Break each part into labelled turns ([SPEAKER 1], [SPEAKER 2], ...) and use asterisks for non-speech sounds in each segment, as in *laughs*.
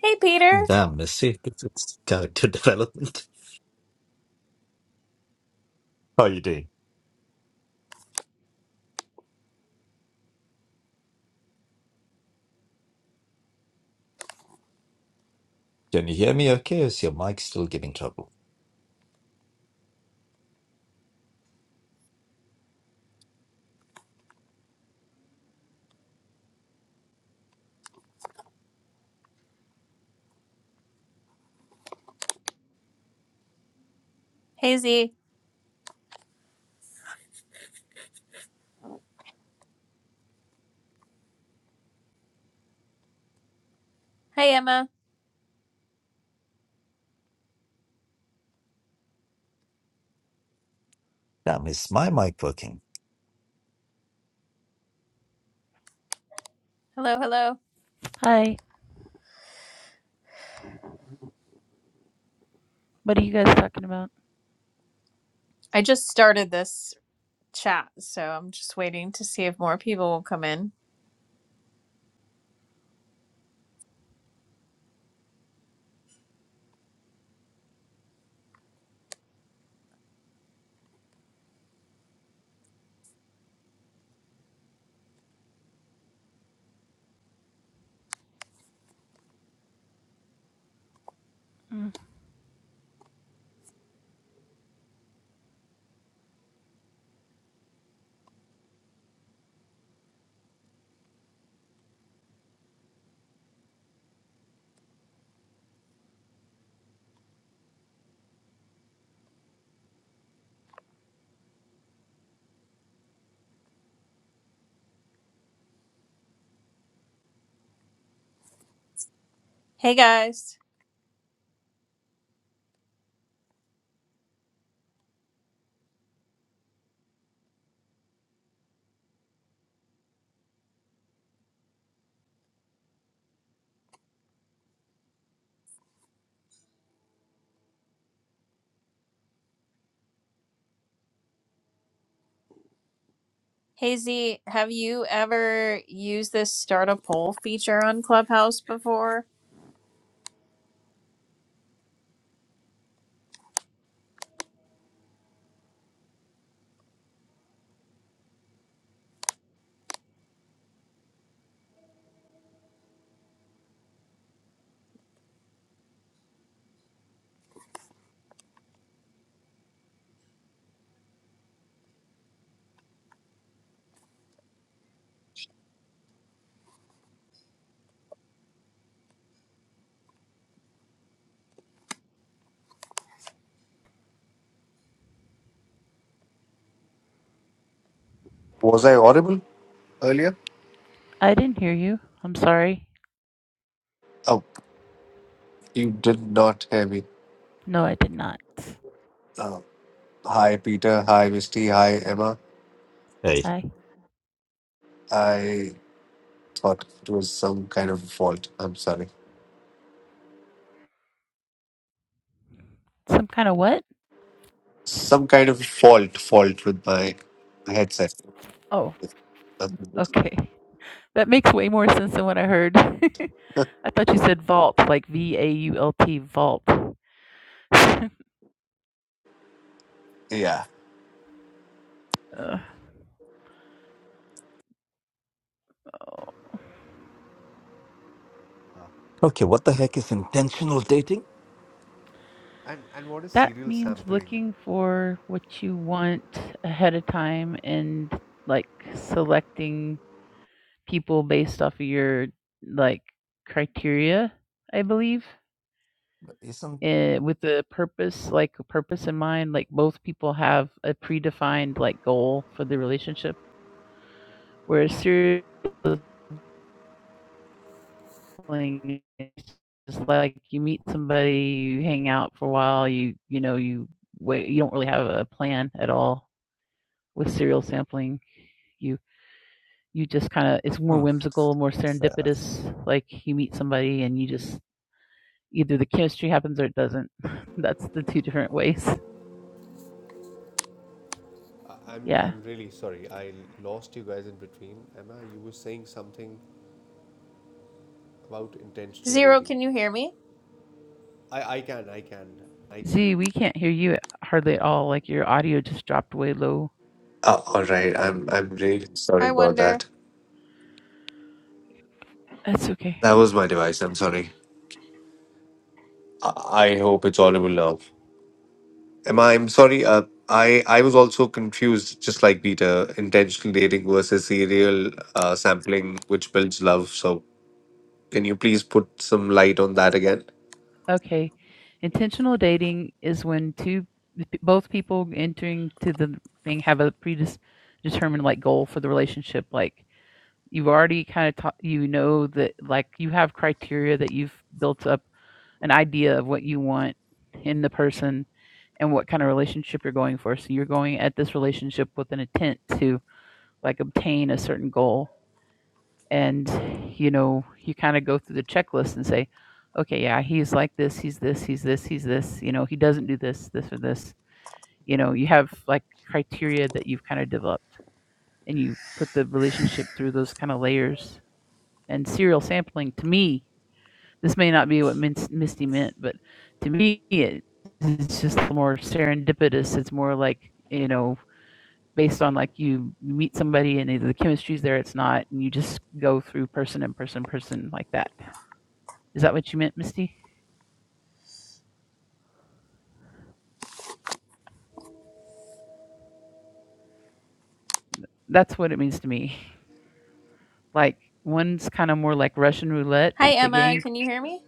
[SPEAKER 1] Hey, Peter.
[SPEAKER 2] Damn, let's see. It's, it's character *laughs* development. How are you doing? Can you hear me okay? Or is your mic still giving trouble?
[SPEAKER 1] Hey, Z. Hey, Emma.
[SPEAKER 2] Damn, is my mic working?
[SPEAKER 1] Hello, hello.
[SPEAKER 3] Hi, what are you guys talking about?
[SPEAKER 1] I just started this chat, so I'm just waiting to see if more people will come in.
[SPEAKER 3] Mm,
[SPEAKER 1] Hey, guys. Hey, Z. Have you ever used this start a poll feature on Clubhouse before?
[SPEAKER 4] Was I audible earlier?
[SPEAKER 3] I didn't hear you. I'm sorry.
[SPEAKER 4] Oh, you did not hear me.
[SPEAKER 3] No, I did not.
[SPEAKER 4] Uh, hi, Peter. Hi, Misty. Hi, Emma.
[SPEAKER 2] Hey.
[SPEAKER 3] Hi.
[SPEAKER 4] I thought it was some kind of fault. I'm sorry.
[SPEAKER 3] Some kind of what?
[SPEAKER 4] Some kind of fault, fault with my headset.
[SPEAKER 3] Oh, okay. *laughs* That makes way more sense than what I heard. *laughs* I thought you said vault, like V A U L T, vault. *laughs* Ugh.
[SPEAKER 4] Yeah.
[SPEAKER 3] Oh.
[SPEAKER 2] Okay, what the heck is intentional dating?
[SPEAKER 4] And and what is
[SPEAKER 3] that
[SPEAKER 4] serial
[SPEAKER 3] means
[SPEAKER 4] sampling?
[SPEAKER 3] looking for what you want ahead of time and like selecting people based off of your like criteria, I believe.
[SPEAKER 2] Isn't.
[SPEAKER 3] Eh, with the purpose like, purpose in mind, like, both people have a predefined, like, goal for the relationship, whereas serial dating is just like you meet somebody, you hang out for a while, you you know, you wait you don't really have a plan at all. With serial sampling, you you just kinda it's more
[SPEAKER 2] Hmm,
[SPEAKER 3] whimsical, more
[SPEAKER 2] fair enough.
[SPEAKER 3] serendipitous, like, you meet somebody and you just either the chemistry happens or it doesn't. *laughs* That's the 2 different ways.
[SPEAKER 4] I- I'm
[SPEAKER 3] Yeah.
[SPEAKER 4] I'm really sorry. I lost you guys in between. Emma, you were saying something about intentional
[SPEAKER 1] Zero,
[SPEAKER 4] dating.
[SPEAKER 1] can you hear me?
[SPEAKER 4] I I can I can I
[SPEAKER 3] Z, we can't hear you at- hardly at all. Like your audio just dropped way low.
[SPEAKER 4] Uh, all right. I'm I'm really sorry
[SPEAKER 1] I
[SPEAKER 4] about
[SPEAKER 1] wonder.
[SPEAKER 4] that.
[SPEAKER 3] That's okay.
[SPEAKER 4] That was my device. I'm sorry. I, I hope it's audible now. Am I? I'm sorry. Uh, I I was also confused, just like Peter. Intentional dating versus serial uh, sampling, which builds love. So, can you please put some light on that again?
[SPEAKER 3] Okay. Intentional dating is when two both people entering to the thing have a predetermined like goal for the relationship like you've already kind of ta- you know that like you have criteria that you've built up an idea of what you want in the person and what kind of relationship you're going for. So you're going at this relationship with an intent to like obtain a certain goal. And, you know, you kind of go through the checklist and say, okay, yeah, he's like this, he's this, he's this, he's this, you know, he doesn't do this, this or this. You know, you have like criteria that you've kind of developed and you put the relationship through those kind of layers. And serial sampling to me, this may not be what Misty meant, but to me, it's just more serendipitous. It's more like, you know, based on like you meet somebody and either the chemistry's there, it's not, and you just go through person and person, person like that. Is that what you meant, Misty? That's what it means to me. Like one's kind of more like Russian roulette,
[SPEAKER 1] Hi,
[SPEAKER 3] the
[SPEAKER 1] Emma.
[SPEAKER 3] game.
[SPEAKER 1] Can you hear me?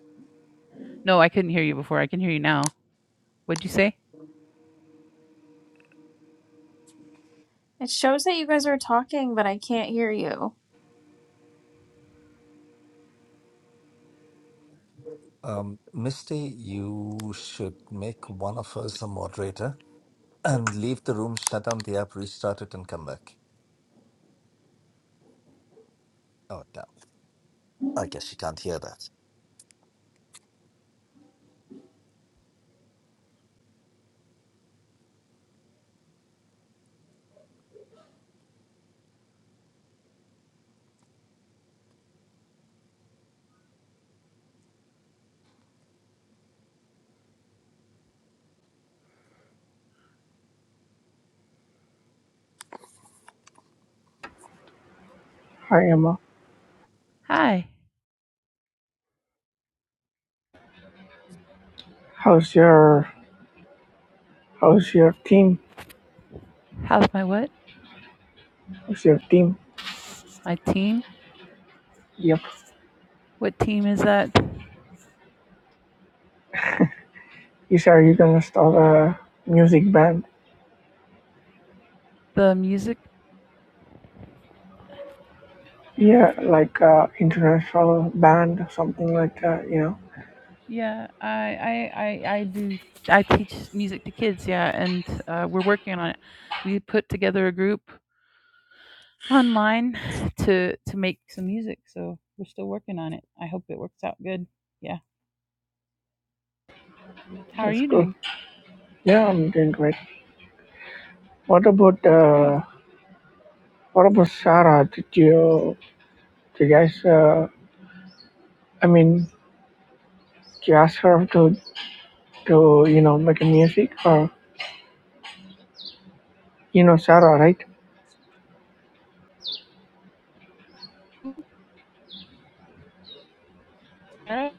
[SPEAKER 3] No, I couldn't hear you before. I can hear you now. What'd you say?
[SPEAKER 1] It shows that you guys are talking, but I can't hear you.
[SPEAKER 2] Um, Misty, you should make one of us a moderator and leave the room, shut down the app, restart it, and come back. Oh, damn. I guess you can't hear that.
[SPEAKER 5] Hi Emma,
[SPEAKER 3] Hi.
[SPEAKER 5] how's your how's your team?
[SPEAKER 3] How's my what?
[SPEAKER 5] How's your team?
[SPEAKER 3] My team?
[SPEAKER 5] Yep.
[SPEAKER 3] What team is that?
[SPEAKER 5] You said you're gonna start a music band.
[SPEAKER 3] The music?
[SPEAKER 5] Yeah, like uh international band or something like that. You know,
[SPEAKER 3] Yeah, I I I, I do. I teach music to kids. Yeah, and uh, we're working on it. We put together a group online to to make some music. So we're still working on it. I hope it works out good. Yeah. How are
[SPEAKER 5] that's
[SPEAKER 3] you
[SPEAKER 5] cool.
[SPEAKER 3] doing?
[SPEAKER 5] Yeah, I'm doing great. What about
[SPEAKER 3] That's great.
[SPEAKER 5] uh what about Sarah? Did you did you guys? Uh, I mean, did you ask her to to you know make a music or you know Sarah, right?
[SPEAKER 3] Sarah,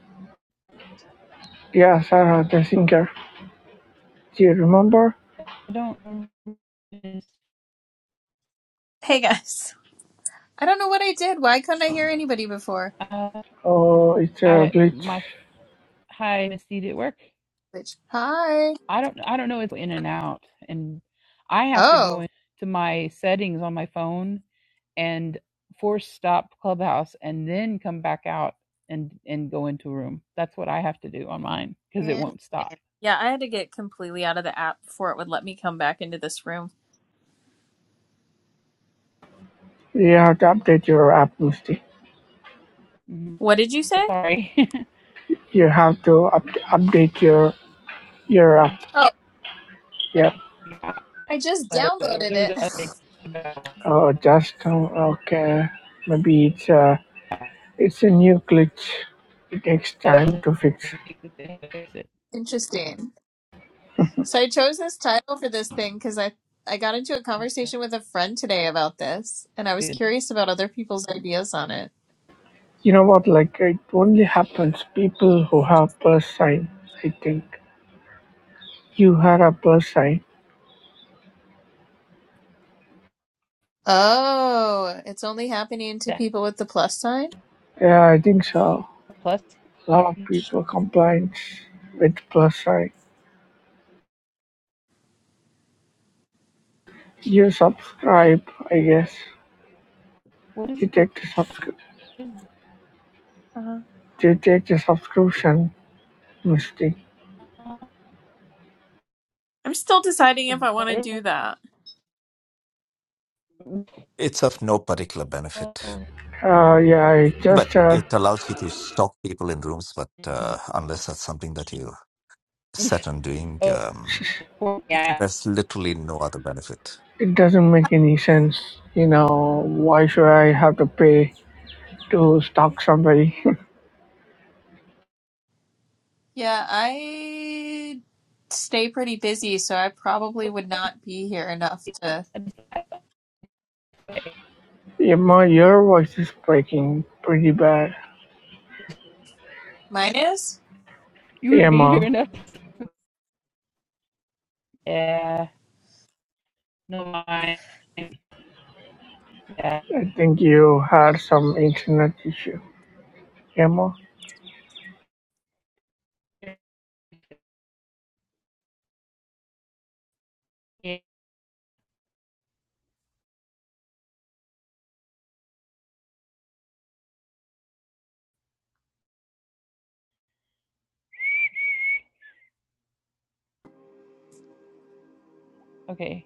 [SPEAKER 5] Yeah, Sarah the singer. Do you remember?
[SPEAKER 3] I don't. remember
[SPEAKER 1] Hey, guys. *laughs* I don't know what I did. Why couldn't I hear anybody before?
[SPEAKER 3] Uh,
[SPEAKER 5] Oh, it's a
[SPEAKER 3] I my
[SPEAKER 5] glitch.
[SPEAKER 3] hi, Miss Did it work?
[SPEAKER 1] Which, hi.
[SPEAKER 3] I don't I don't know it's in and out and I have to
[SPEAKER 1] Oh.
[SPEAKER 3] go into my settings on my phone and force stop clubhouse and then come back out and and go into a room. That's what I have to do on mine because it
[SPEAKER 1] Insane.
[SPEAKER 3] won't stop.
[SPEAKER 1] Yeah, I had to get completely out of the app before it would let me come back into this room.
[SPEAKER 5] You have to update your app, Misty.
[SPEAKER 3] Mhm.
[SPEAKER 1] What did you say?
[SPEAKER 3] Sorry.
[SPEAKER 5] You have to up- update your your app.
[SPEAKER 3] *laughs*
[SPEAKER 1] Oh,
[SPEAKER 5] Yep.
[SPEAKER 3] Yeah.
[SPEAKER 1] I just
[SPEAKER 3] like there
[SPEAKER 1] downloaded
[SPEAKER 3] was
[SPEAKER 1] it.
[SPEAKER 3] an update about
[SPEAKER 5] Oh, just um, okay. Maybe it's a it's a new glitch. It takes
[SPEAKER 3] plus
[SPEAKER 5] time to fix.
[SPEAKER 1] *laughs* Interesting. So I chose this title for this thing because I I got into a conversation with a friend today about this, and I was curious about other people's ideas on it.
[SPEAKER 5] You know what? Like it only happens people who have plus sign. I think you had a plus sign.
[SPEAKER 1] Oh, it's only happening to people with the plus sign?
[SPEAKER 5] Yeah, I think so.
[SPEAKER 3] plus
[SPEAKER 5] A lot of people complain with plus sign. You subscribe, I guess.
[SPEAKER 3] what is
[SPEAKER 5] You take the subscri-
[SPEAKER 3] it?
[SPEAKER 1] Uh,
[SPEAKER 5] you take the subscription mistake.
[SPEAKER 1] I'm still deciding if I want to
[SPEAKER 3] Better
[SPEAKER 1] do that.
[SPEAKER 2] It's of no particular benefit,
[SPEAKER 5] Uh, yeah, it
[SPEAKER 2] but
[SPEAKER 5] just uh,
[SPEAKER 2] it allows you to stalk people in rooms. But uh, unless that's something that you set on doing.
[SPEAKER 3] oh,
[SPEAKER 2] Um,
[SPEAKER 5] *laughs*
[SPEAKER 3] support. Yeah,
[SPEAKER 2] there's literally no other benefit.
[SPEAKER 5] it doesn't make any sense. You know, why should I have to pay to stalk somebody? *laughs*
[SPEAKER 1] Yeah, I stay pretty busy, so I probably would not be here enough to.
[SPEAKER 5] Emma, your voice is breaking pretty bad.
[SPEAKER 1] Mine is?
[SPEAKER 3] you would be here
[SPEAKER 5] Emma,
[SPEAKER 3] enough. Yeah, no mind. Yeah.
[SPEAKER 5] I think you had some internet issue. Emma,
[SPEAKER 3] Okay,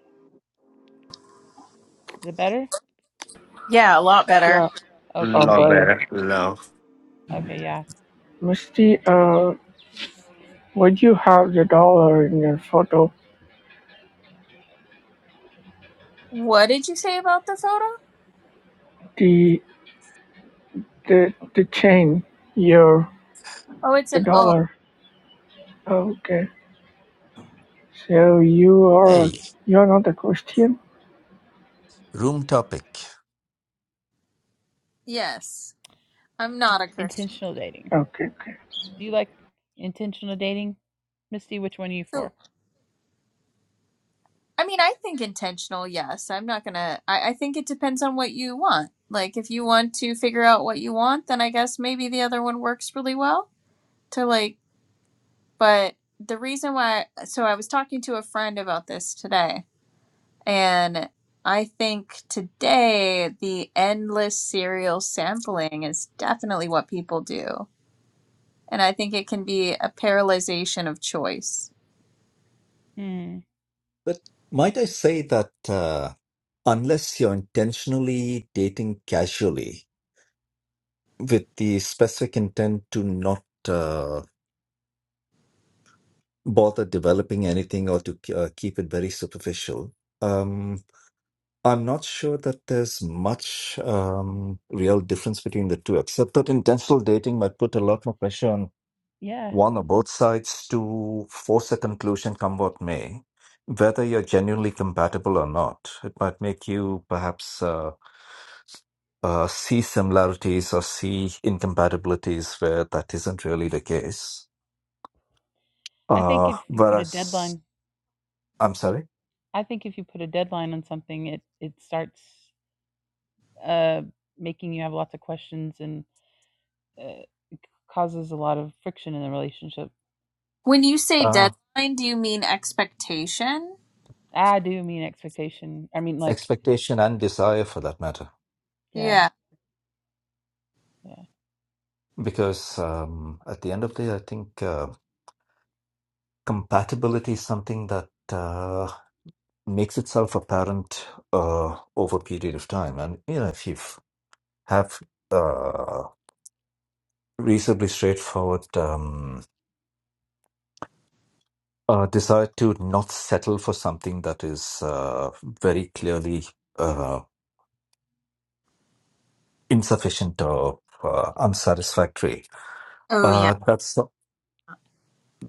[SPEAKER 3] is it better?
[SPEAKER 1] Yeah, a
[SPEAKER 3] Yeah,
[SPEAKER 1] lot
[SPEAKER 3] a lot
[SPEAKER 1] better.
[SPEAKER 5] yeah,
[SPEAKER 3] better? Okay,
[SPEAKER 5] uh,
[SPEAKER 4] Love
[SPEAKER 3] great.
[SPEAKER 5] but
[SPEAKER 4] better. No.
[SPEAKER 3] Okay, yeah.
[SPEAKER 5] Misty, uh, would you have the dollar in your photo?
[SPEAKER 1] What did you say about the photo?
[SPEAKER 5] The the the chain, your
[SPEAKER 1] Oh, it's
[SPEAKER 5] the
[SPEAKER 1] an O.
[SPEAKER 5] dollar. Oh, Okay. So you are
[SPEAKER 2] Hey,
[SPEAKER 5] you're not a Christian?
[SPEAKER 2] room topic.
[SPEAKER 1] Yes. I'm not a Christian.
[SPEAKER 3] Intentional dating.
[SPEAKER 5] Okay, okay.
[SPEAKER 3] Do you like intentional dating? Misty, which one are you for?
[SPEAKER 1] So, I mean, I think intentional, yes. I'm not gonna, I, I think it depends on what you want. Like, if you want to figure out what you want, then I guess maybe the other one works really well to like, but the reason why, so I was talking to a friend about this today, and I think today the endless cereal sampling is definitely what people do. and I think it can be a paralyzation of choice.
[SPEAKER 3] Hmm.
[SPEAKER 2] But might I say that uh, unless you're intentionally dating casually with the specific intent to not uh, bother developing anything or to uh, keep it very superficial, um, I'm not sure that there's much um, real difference between the two, except that intentional dating might put a lot more pressure on
[SPEAKER 3] Yeah.
[SPEAKER 2] one or both sides to force a conclusion come what may, whether you're genuinely compatible or not. It might make you perhaps uh, uh, see similarities or see incompatibilities where that isn't really the case.
[SPEAKER 3] I think
[SPEAKER 2] Uh,
[SPEAKER 3] if you put a
[SPEAKER 2] whereas,
[SPEAKER 3] deadline,
[SPEAKER 2] I'm sorry,
[SPEAKER 3] I think if you put a deadline on something, it it starts uh making you have lots of questions and uh, causes a lot of friction in the relationship.
[SPEAKER 1] When you say
[SPEAKER 2] uh,
[SPEAKER 1] deadline, do you mean expectation?
[SPEAKER 3] I do mean expectation. I mean like
[SPEAKER 2] expectation and desire for that matter.
[SPEAKER 3] yeah,
[SPEAKER 1] Yeah.
[SPEAKER 3] yeah,
[SPEAKER 2] because um, at the end of the day, I think uh, compatibility is something that uh, makes itself apparent uh, over a period of time. And you know, if you have uh, reasonably straightforward um, uh, desire to not settle for something that is uh, very clearly uh, insufficient or uh, unsatisfactory,
[SPEAKER 1] Oh, yeah.
[SPEAKER 2] uh, that's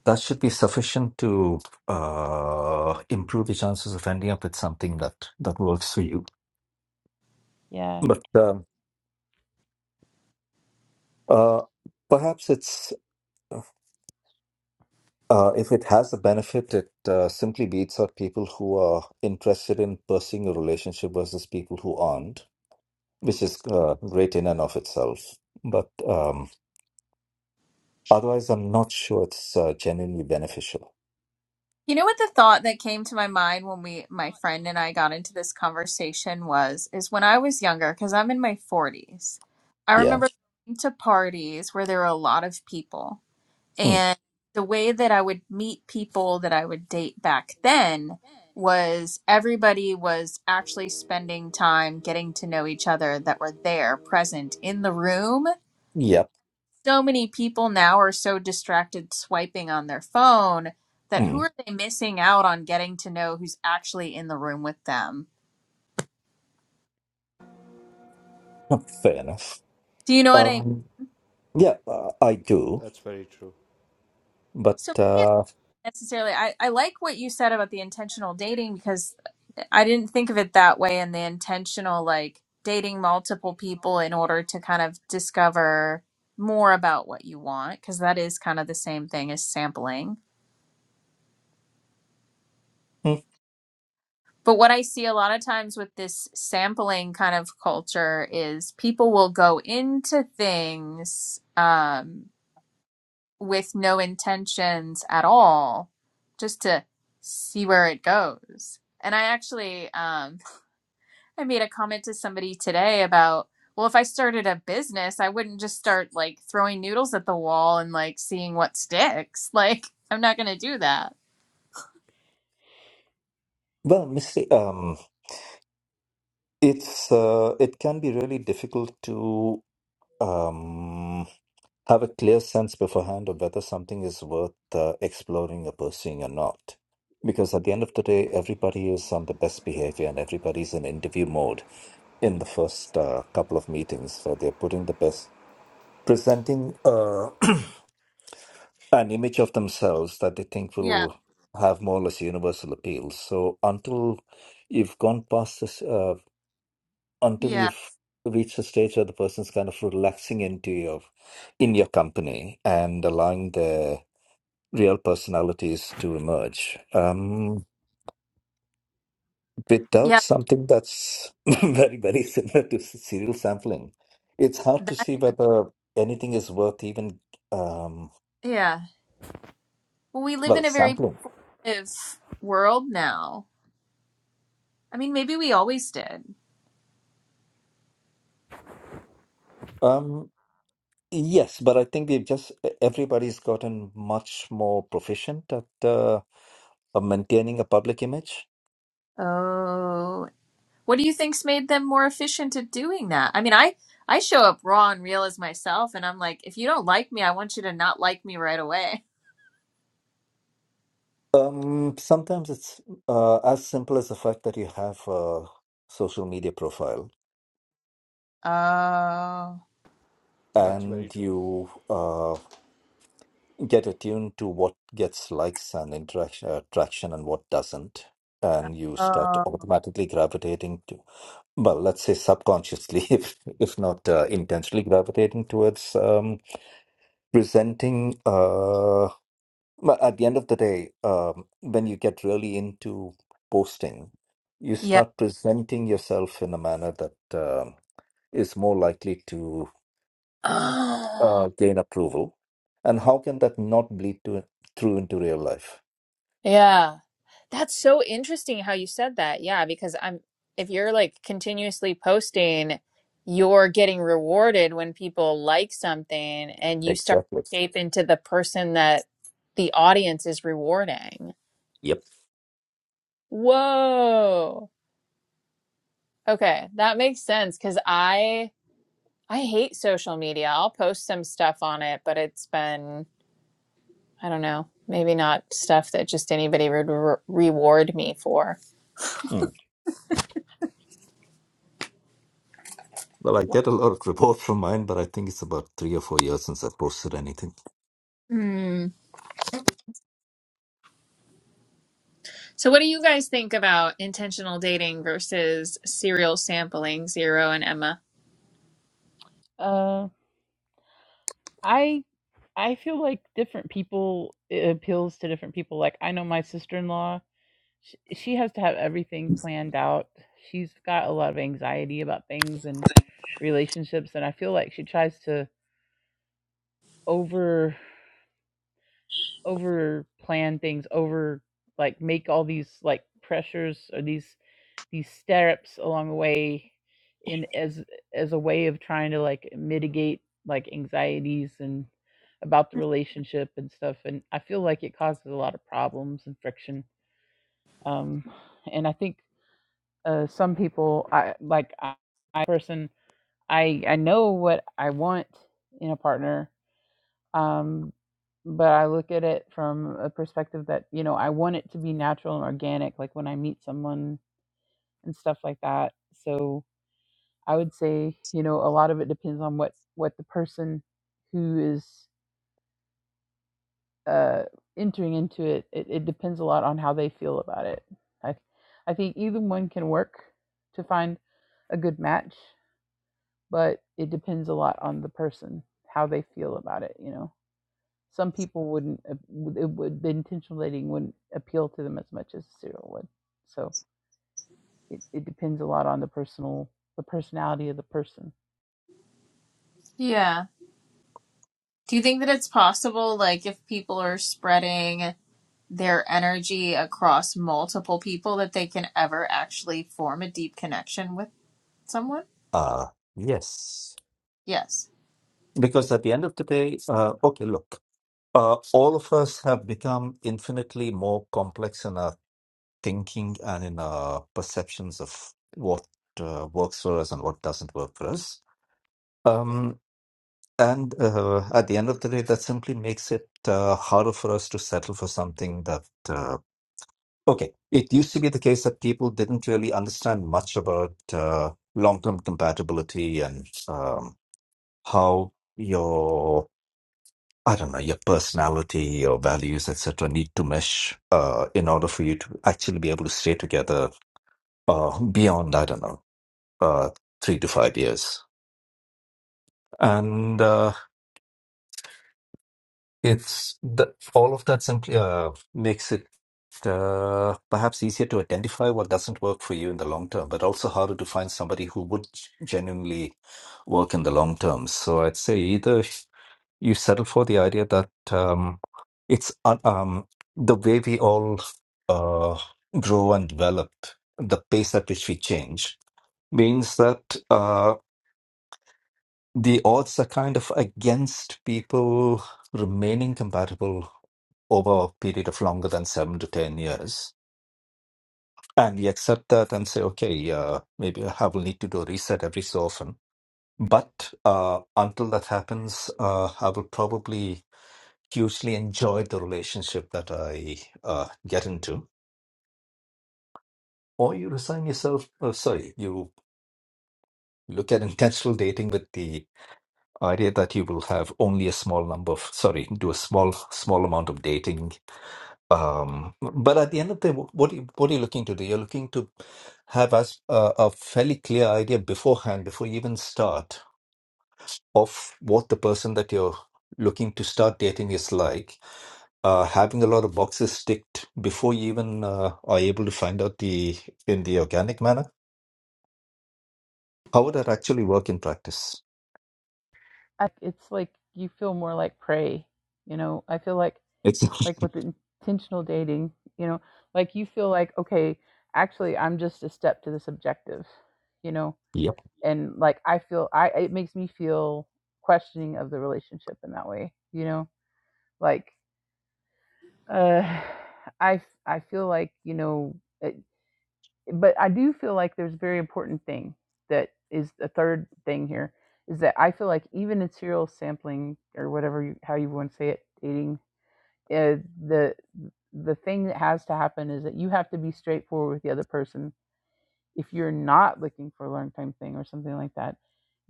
[SPEAKER 2] that should be sufficient to uh, improve the chances of ending up with something that that works for you.
[SPEAKER 3] yeah.
[SPEAKER 2] But um, uh, perhaps it's uh, if it has a benefit, it uh, simply beats out people who are interested in pursuing a relationship versus people who aren't, which is uh, great in and of itself. But um, otherwise, I'm not sure it's uh, genuinely beneficial.
[SPEAKER 1] You know what the thought that came to my mind when we my friend and I got into this conversation was is when I was younger cuz I'm in my 40s. I
[SPEAKER 2] Yeah.
[SPEAKER 1] remember going to parties where there were a lot of people
[SPEAKER 2] Mm.
[SPEAKER 1] And the way that I would meet people that I would date back then was everybody was actually spending time getting to know each other that were there present in the room.
[SPEAKER 2] Yep.
[SPEAKER 1] So many people now are so distracted swiping on their phone that who
[SPEAKER 2] Mm.
[SPEAKER 1] are they missing out on getting to know who's actually in the room with them?
[SPEAKER 2] *laughs* Fair enough.
[SPEAKER 1] Do you know what I mean?
[SPEAKER 2] Um, yeah, uh, I do.
[SPEAKER 4] That's very true.
[SPEAKER 2] But
[SPEAKER 1] So maybe it's
[SPEAKER 2] uh,
[SPEAKER 1] not necessarily I, I like what you said about the intentional dating because I didn't think of it that way in the intentional, like dating multiple people in order to kind of discover more about what you want, because that is kind of the same thing as sampling.
[SPEAKER 2] mm,
[SPEAKER 1] But what I see a lot of times with this sampling kind of culture is people will go into things um, with no intentions at all, just to see where it goes. And I actually, um, I made a comment to somebody today about, well, if I started a business, I wouldn't just start like throwing noodles at the wall and like seeing what sticks. *laughs* Like, I'm not going to do that.
[SPEAKER 2] well, mistake. Um, it's uh, it can be really difficult to um, have a clear sense beforehand of whether something is worth uh, exploring or pursuing or not. Because at the end of the day, everybody is on the best behavior and everybody's in interview mode in the first uh, couple of meetings where they're putting the best, presenting. Uh, *clears throat* an image of themselves that they think
[SPEAKER 1] Yeah.
[SPEAKER 2] will have more or less universal appeal. So until you've gone past this, uh, until
[SPEAKER 1] Yeah.
[SPEAKER 2] you've reached a stage where the person's kind of relaxing into your in your company and allowing their real personalities to emerge, um, without
[SPEAKER 1] Yeah.
[SPEAKER 2] something that's *laughs* very very similar to serial sampling, it's hard to
[SPEAKER 1] That,
[SPEAKER 2] see whether anything is worth even um,
[SPEAKER 1] yeah. Well, we live
[SPEAKER 2] well
[SPEAKER 1] in a very
[SPEAKER 2] sampling.
[SPEAKER 1] primitive world now. I mean, maybe we always did.
[SPEAKER 2] Um, Yes, but I think we've just e-, everybody's gotten much more proficient at uh, maintaining a public image.
[SPEAKER 1] Oh. What do you think's made them more efficient at doing that? I mean, I I show up raw and real as myself and I'm like, if you don't like me, I want you to not like me right away.
[SPEAKER 2] Um, sometimes it's uh, as simple as the fact that you have a social media profile
[SPEAKER 1] Oh.
[SPEAKER 4] That's very
[SPEAKER 2] and
[SPEAKER 4] true.
[SPEAKER 2] you uh, get attuned to what gets likes and interaction, attraction and what doesn't. And you start
[SPEAKER 1] Oh.
[SPEAKER 2] automatically gravitating to, well, let's say subconsciously, *laughs* if if not uh, intentionally gravitating towards um, presenting. Uh, But at the end of the day, um, when you get really into posting, you
[SPEAKER 1] yeah.
[SPEAKER 2] start presenting yourself in a manner that um, is more likely to uh,
[SPEAKER 1] Oh,
[SPEAKER 2] gain approval. And how can that not bleed to, through into real life?
[SPEAKER 1] yeah. That's so interesting how you said that. Yeah, because I'm if you're like continuously posting, you're getting rewarded when people like something and you start
[SPEAKER 2] Exactly.
[SPEAKER 1] to shape into the person that the audience is rewarding.
[SPEAKER 2] Yep.
[SPEAKER 1] Whoa. Okay, that makes sense because I I hate social media. I'll post some stuff on it, but it's been I don't know, maybe not stuff that just anybody would re reward me for.
[SPEAKER 2] Mm. Well, I get a lot of reports from mine, but I think it's about three or four years since I posted anything.
[SPEAKER 1] So, what do you guys think about intentional dating versus serial sampling, Zero and Emma?
[SPEAKER 3] Uh, I I feel like different people it appeals to different people. Like I know my sister in law sh she has to have everything planned out. She's got a lot of anxiety about things and relationships, and I feel like she tries to over over plan things, over like make all these like pressures or these these steps along the way in as as a way of trying to like mitigate like anxieties and about the relationship and stuff and i feel like it causes a lot of problems and friction um and i think uh, some people i like i, I person i i know what i want in a partner um but i look at it from a perspective that you know i want it to be natural and organic like when i meet someone and stuff like that so i would say you know a lot of it depends on what what the person who is uh entering into it it, it depends a lot on how they feel about it i i think either one can work to find a good match but it depends a lot on the person how they feel about it you know some people wouldn't it would the intentional dating wouldn't appeal to them as much as serial would so it, it depends a lot on the personal the personality of the person
[SPEAKER 1] Yeah. Do you think that it's possible, like, if people are spreading their energy across multiple people, that they can ever actually form a deep connection with someone?
[SPEAKER 2] Uh, yes.
[SPEAKER 1] Yes.
[SPEAKER 2] Because at the end of the day, uh, okay, look. Uh, all of us have become infinitely more complex in our thinking and in our perceptions of what uh, works for us and what doesn't work for us. Um, and uh, at the end of the day, that simply makes it uh, harder for us to settle for something that, uh, okay, it used to be the case that people didn't really understand much about uh, long term compatibility and um, how your I don't know, your personality, your values, etc., need to mesh uh, in order for you to actually be able to stay together uh, beyond, I don't know, uh, three to five years. And uh, It's the all of that simply uh, makes it uh, perhaps easier to identify what doesn't work for you in the long term, but also harder to find somebody who would genuinely work in the long term. So I'd say either you settle for the idea that um, it's un- um, the way we all uh, grow and develop, the pace at which we change, means that uh, the odds are kind of against people remaining compatible over a period of longer than seven to 10 years. And we accept that and say, okay, uh, maybe I will need to do a reset every so often. But uh, until that happens, uh, I will probably hugely enjoy the relationship that I uh, get into. Or you resign yourself, oh, sorry, you look at intentional dating with the idea that you will have only a small number of, sorry, do a small, small amount of dating Um, but at the end of the day, wh- what are you, what are you looking to do? You're looking to have us a, a fairly clear idea beforehand, before you even start, of what the person that you're looking to start dating is like. Uh, having a lot of boxes ticked before you even uh, are able to find out the in the organic manner. How would that actually work in practice?
[SPEAKER 3] I, it's like you feel more like prey you know i feel like
[SPEAKER 2] It's *laughs*
[SPEAKER 3] like with intentional dating you know like you feel like okay actually i'm just a step to this objective you know
[SPEAKER 2] yep,
[SPEAKER 3] and like i feel i it makes me feel questioning of the relationship in that way you know like uh *sighs* i i feel like you know it, but i do feel like there's a very important thing that is the third thing here is that i feel like even in serial sampling or whatever you how you want to say it dating uh, the the thing that has to happen is that you have to be straightforward with the other person if you're not looking for a learn time thing or something like that,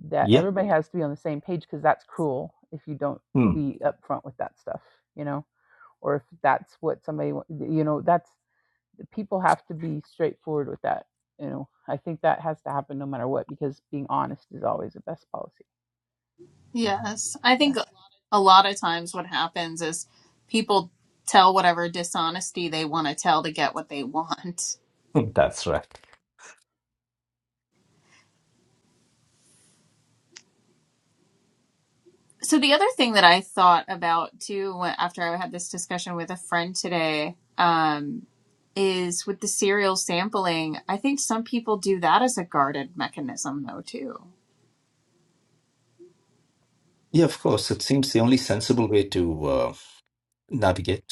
[SPEAKER 3] that
[SPEAKER 2] yep.
[SPEAKER 3] everybody has to be on the same page because that's cruel if you don't
[SPEAKER 2] Hmm.
[SPEAKER 3] be upfront with that stuff, you know, or if that's what somebody, you know, that's people have to be straightforward with that. You know, I think that has to happen no matter what because being honest is always the best policy.
[SPEAKER 1] Yes. I
[SPEAKER 3] Yeah.
[SPEAKER 1] think a lot of times what happens is people tell whatever dishonesty they want to tell to get what they *laughs* want.
[SPEAKER 2] *laughs* That's right.
[SPEAKER 1] So the other thing that I thought about too, after I had this discussion with a friend today, um, is with the cereal sampling. I think some people do that as a guarded mechanism, though. Too,
[SPEAKER 2] Yeah, of course. It seems the only sensible way to uh, navigate.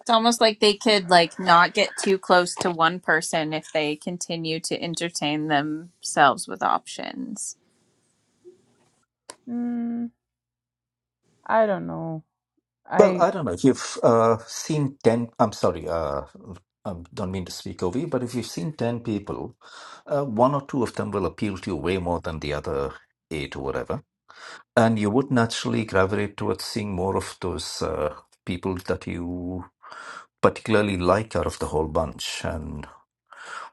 [SPEAKER 1] it's almost like they could like not get too close to one person if they continue to entertain themselves with options.
[SPEAKER 3] Mm, I don't know.
[SPEAKER 2] Well,
[SPEAKER 3] I
[SPEAKER 2] I don't know if you've uh, seen 10, I'm sorry, uh, I don't mean to speak over you, but if you've seen 10 people, uh, one or two of them will appeal to you way more than the other eight or whatever. And you would naturally gravitate towards seeing more of those uh, people that you particularly like out of the whole bunch. And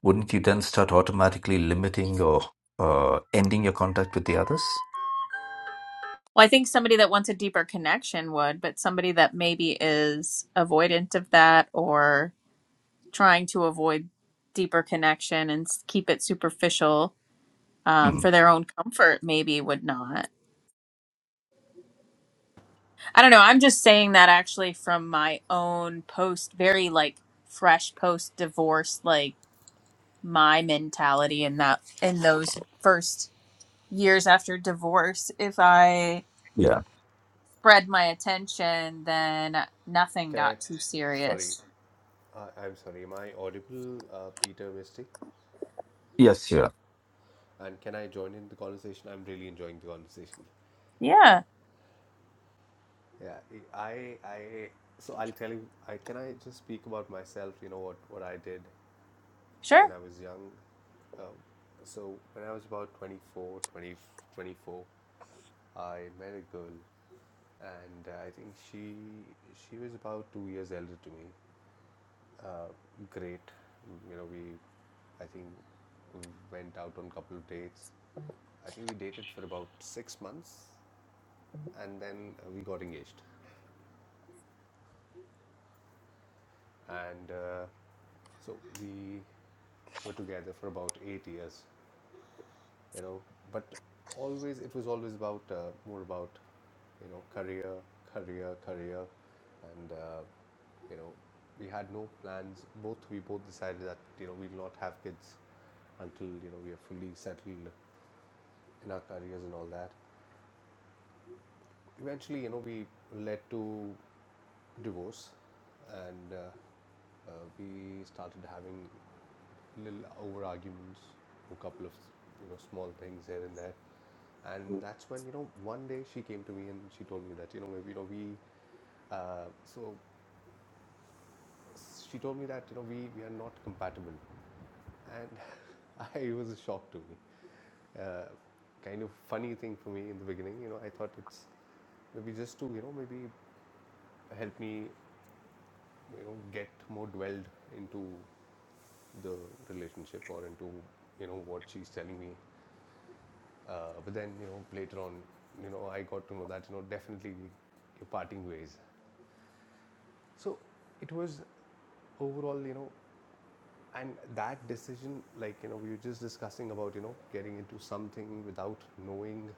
[SPEAKER 2] wouldn't you then start automatically limiting or uh, ending your contact with the others?
[SPEAKER 1] Well, I think somebody that wants a deeper connection would, but somebody that maybe is avoidant of that or trying to avoid deeper connection and s- keep it superficial um,
[SPEAKER 2] Hmm.
[SPEAKER 1] for their own comfort maybe would not. I don't know. I'm just saying that actually from my own post, very like fresh post divorce, like my mentality in that in those first years after divorce. If I
[SPEAKER 2] Yeah.
[SPEAKER 1] spread my attention, then nothing
[SPEAKER 4] Can I?
[SPEAKER 1] got too
[SPEAKER 4] Sorry,
[SPEAKER 1] serious.
[SPEAKER 4] I, I'm sorry. Am I audible, uh, Peter Misty?
[SPEAKER 2] Yes, yeah.
[SPEAKER 4] And can I join in the conversation? I'm really enjoying the conversation.
[SPEAKER 1] Yeah,
[SPEAKER 4] Yeah, I, I, so I'll tell you. I can I just speak about myself. You know what what I did when
[SPEAKER 1] sure.
[SPEAKER 4] I was young. Um, so when I was about 24, 20 24, I met a girl, and uh, I think she she was about two years elder to me. Uh, great, you know we, I think, we went out on a couple of dates. I think we dated for about six months, and then uh, we got engaged. and uh, so we were together for about eight years you know but always it was always about uh, more about you know career career career and uh, you know we had no plans both we both decided that you know we'll not have kids until you know we are fully settled in our careers and all that eventually you know we led to divorce and uh, uh, we started having little over arguments, a couple of you know small things here and there, and that's when you know one day she came to me and she told me that you know maybe you know we uh, so she told me that you know we we are not compatible, and *laughs* I it was a shock to me. Uh, kind of funny thing for me in the beginning. You know I thought it's maybe just to you know maybe help me you know get more dwelled into the relationship or into you know what she's telling me Uh, but then, you know, later on, you know, I got to know that, you know, definitely you're parting ways. So it was overall, you know, and that decision, like, you know, we were just discussing about, you know, getting into something without knowing.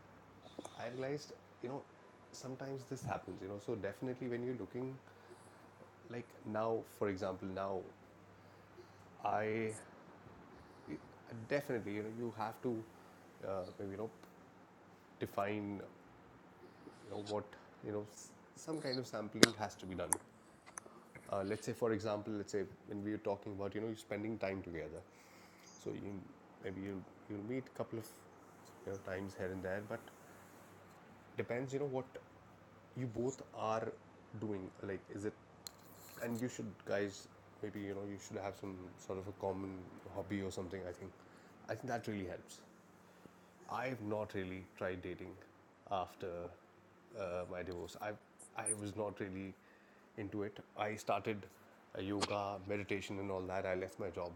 [SPEAKER 4] I realized, you know, sometimes this happens, you know, so definitely when you're looking, like now, for example, now I definitely, you know, you have to uh, maybe, you know, define, you know, what, you know, some kind of sampling has to be done uh, let's say for example let's say when we were talking about you know you're spending time together so you maybe you you'll meet a couple of you know times here and there but depends you know what you both are doing like is it and you should guys maybe you know you should have some sort of a common hobby or something i think i think that really helps I've not really tried dating after uh, my divorce. I I was not really into it. I started uh, yoga, meditation, and all that. I left my job,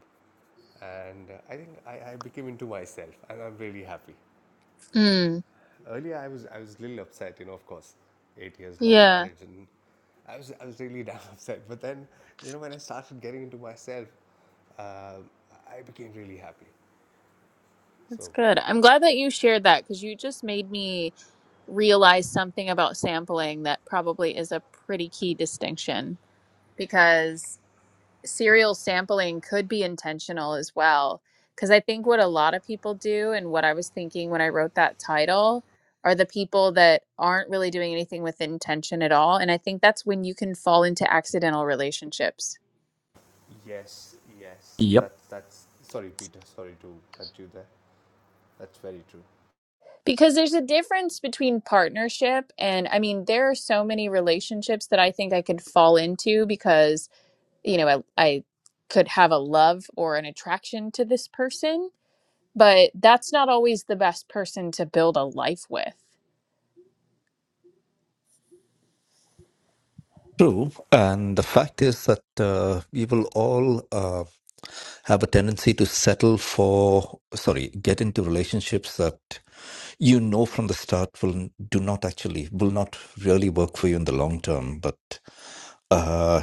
[SPEAKER 4] and uh, I think I, I became into myself, and I'm really happy.
[SPEAKER 1] Mm,
[SPEAKER 4] Earlier, I was I was a little upset, you know, of course, eight years long
[SPEAKER 1] yeah,
[SPEAKER 4] marriage, and I was I was really *laughs* damn upset. But then, you know, when I started getting into myself, uh, I became really happy.
[SPEAKER 1] that's
[SPEAKER 4] So
[SPEAKER 1] good. I'm glad that you shared that because you just made me realize something about sampling that probably is a pretty key distinction. Because serial sampling could be intentional as well. Because I think what a lot of people do, and what I was thinking when I wrote that title, are the people that aren't really doing anything with intention at all. And I think that's when you can fall into accidental relationships.
[SPEAKER 4] Yes, yes. That's that's. Sorry, Peter. Sorry to cut you there. That's very true.
[SPEAKER 1] Because there's a difference between partnership and, I mean, there are so many relationships that I think I could fall into because, you know, I, I could have a love or an attraction to this person but that's not always the best person to build a life with.
[SPEAKER 2] True, and the fact is that uh, we will all uh, have a tendency to settle for, sorry, get into relationships that you know from the start will do not actually will not really work for you in the long term. But uh,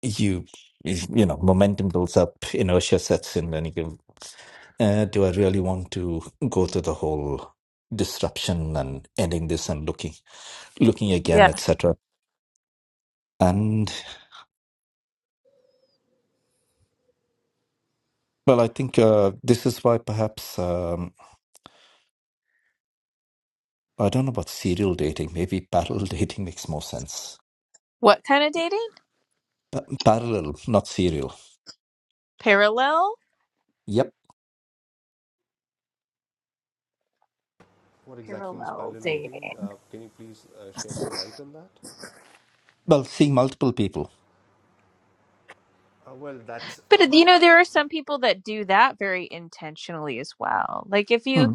[SPEAKER 2] you, you know, momentum builds up, inertia sets in, and you go, uh, "Do I really want to go through the whole disruption and ending this and looking, looking again,
[SPEAKER 1] Yeah.
[SPEAKER 2] etc." Well, I think uh, this is why perhaps um, I don't know about serial dating. Maybe parallel *laughs* dating makes more sense.
[SPEAKER 1] What kind of dating?
[SPEAKER 2] Pa- parallel, not serial.
[SPEAKER 1] Parallel?
[SPEAKER 2] Yep.
[SPEAKER 4] What exactly is
[SPEAKER 1] Parallel
[SPEAKER 4] parallel dating?
[SPEAKER 1] dating.
[SPEAKER 4] Uh, can you please uh, share some light on that?
[SPEAKER 2] Well, seeing multiple people.
[SPEAKER 4] Uh, well, that's
[SPEAKER 1] But you know, there are some people that do that very intentionally as well. Like if you
[SPEAKER 2] Hmm.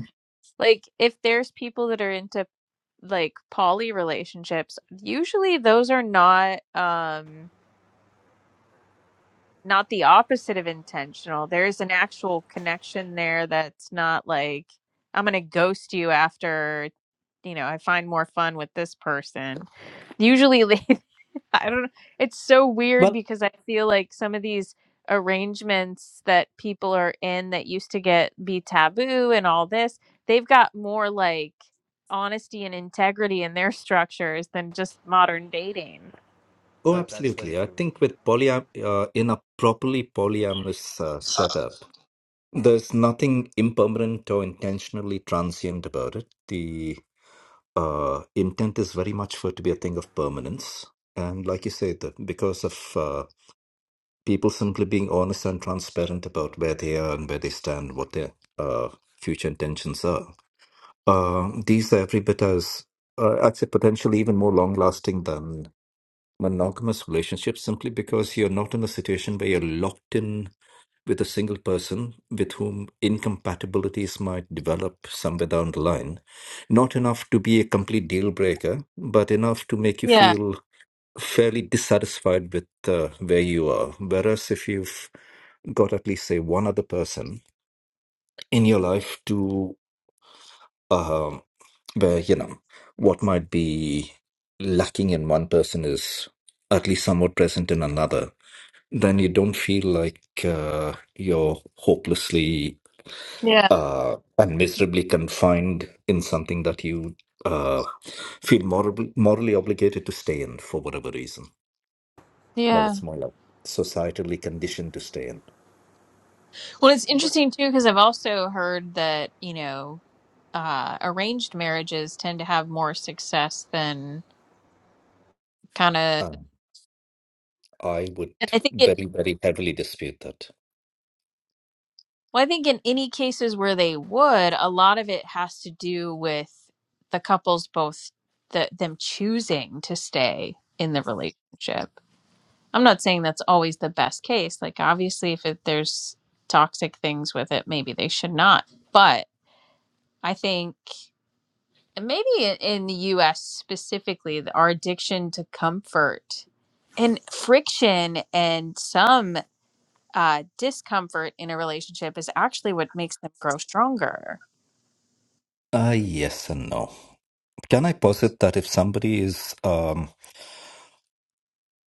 [SPEAKER 1] like if there's people that are into like poly relationships, usually those are not um not the opposite of intentional. There's an actual connection there that's not like I'm going to ghost you after, you know, I find more fun with this person. Usually *laughs* I don't know. it's so weird
[SPEAKER 2] Well,
[SPEAKER 1] because I feel like some of these arrangements that people are in that used to get be taboo and all this, they've got more like honesty and integrity in their *laughs* structures than just modern dating.
[SPEAKER 2] oh,
[SPEAKER 4] that that's very
[SPEAKER 2] absolutely. I
[SPEAKER 4] true.
[SPEAKER 2] think with polyam uh, in a properly polyamorous uh, setup, there's nothing impermanent or intentionally transient about it. The uh, intent is very much for it to be a thing of permanence. And like you said, that because of uh, people simply being honest and transparent about where they are and where they stand, what their uh, future intentions are. Uh, these are every bit as, uh, I'd say, potentially even more long lasting than monogamous relationships simply because you're not in a situation where you're locked in with a single person with whom incompatibilities might develop somewhere down the line. Not enough to be a complete deal breaker, but enough to make you
[SPEAKER 1] Yeah,
[SPEAKER 2] feel fairly dissatisfied with uh, where you are. Whereas if you've got at least say one other person in your life to uh, where you know what might be lacking in one person is at least somewhat present in another, then you don't feel like uh, you're hopelessly
[SPEAKER 1] yeah,
[SPEAKER 2] uh, and miserably confined in something that you uh, feel moral- morally obligated to stay in for whatever reason. well,
[SPEAKER 1] yeah.
[SPEAKER 2] it's more like societally conditioned to stay in.
[SPEAKER 1] Well, it's
[SPEAKER 4] But
[SPEAKER 1] interesting too because I've also heard that you know uh, arranged marriages tend to have more success than kind of,
[SPEAKER 2] Um, I would
[SPEAKER 1] and I think it.
[SPEAKER 2] very, very heavily dispute that.
[SPEAKER 1] Well, I think in any cases where they would, a lot of it has to do with the couples both the them choosing to stay in the relationship. I'm not saying that's always the best case. Like obviously, if it, there's toxic things with it, maybe they should not. But I think and maybe in, in the US specifically, the- our addiction to comfort and friction and some uh, discomfort in a relationship is actually what makes them grow stronger.
[SPEAKER 2] Uh, yes and no. Can I posit that if somebody is um,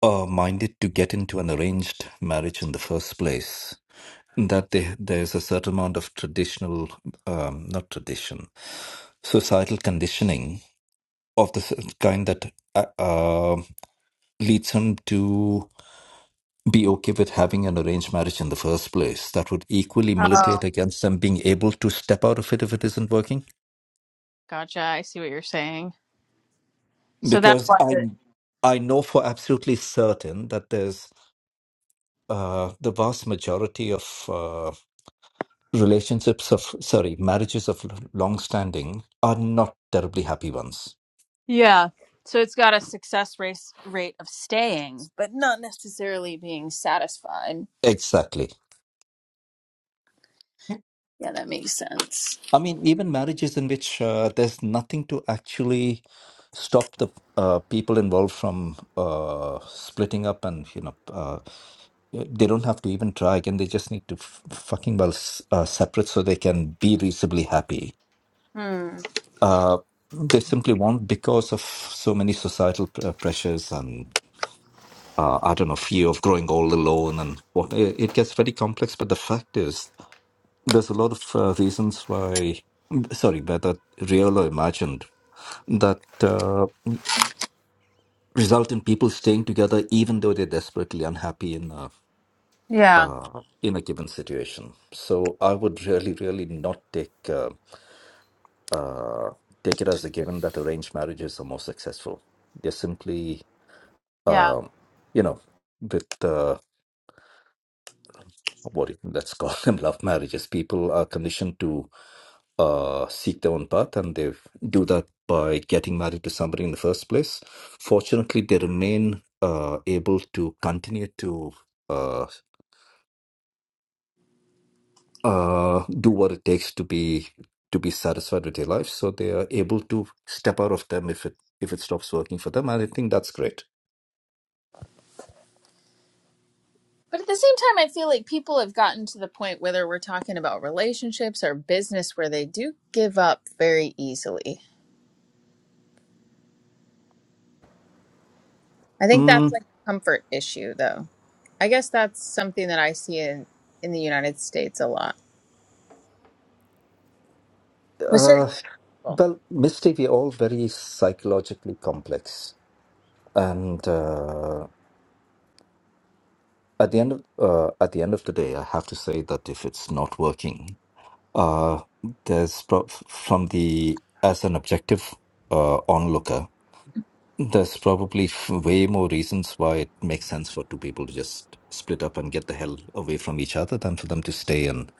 [SPEAKER 2] uh, minded to get into an arranged marriage in the first place, that they, there's a certain amount of traditional, um, not tradition, societal conditioning of the s- kind that uh, uh, leads him to be okay with having an arranged marriage in the first place. That would equally
[SPEAKER 1] Oh,
[SPEAKER 2] militate against them being able to step out of it if it isn't working.
[SPEAKER 1] Gotcha. I see what you're saying. So that's
[SPEAKER 2] Because
[SPEAKER 1] why.
[SPEAKER 2] I,
[SPEAKER 1] but-
[SPEAKER 2] I know for absolutely certain that there's uh, the vast majority of uh, relationships of sorry marriages of long standing are not terribly happy ones.
[SPEAKER 1] Yeah. So it's got a success race rate of staying, but not necessarily being satisfied.
[SPEAKER 2] Exactly.
[SPEAKER 1] Yeah, that makes sense.
[SPEAKER 2] I mean, even marriages in which uh, there's nothing to actually stop the uh, people involved from uh, splitting up, and you know, uh, they don't have to even try again. They just need to f- fucking well s- uh, separate so they can be reasonably happy.
[SPEAKER 1] Hmm.
[SPEAKER 2] Uh, they simply won't because of so many societal pr- uh, pressures and uh, I don't know fear of growing old alone and what. It, it gets very complex. But the fact is there's a lot of uh, reasons why, sorry, whether real or imagined, that uh, result in people staying together even though they're desperately unhappy in a,
[SPEAKER 1] Yeah.
[SPEAKER 2] uh, in a given situation. So I would really, really not take uh, uh, take it as a given that arranged marriages are more successful. They're simply,
[SPEAKER 1] Yeah.
[SPEAKER 2] um, you know, with uh, what it, let's call them *laughs* love marriages. People are conditioned to uh, seek their own path, and they do that by getting married to somebody in the first place. Fortunately, they remain uh, able to continue to. uh, uh, do what it takes to be to be satisfied with their life, so they are able to step out of them if it if it stops working for them, and I think that's great.
[SPEAKER 1] But at the same time, I feel like people have gotten to the point, whether we're talking about relationships or business, where they do give up very easily. I think that's
[SPEAKER 2] Mm,
[SPEAKER 1] like a comfort issue, though. I guess that's something that I see in, in the United States a lot with certain
[SPEAKER 2] uh,
[SPEAKER 1] people.
[SPEAKER 2] well, Misty, we're all very psychologically complex, and. uh, at the end of uh, at the end of the day, I have to say that if it's not working, uh, there's prob from the as an objective uh, onlooker, there's probably f- way more reasons why it makes sense for two people to just split up and get the hell away from each other than for them to stay and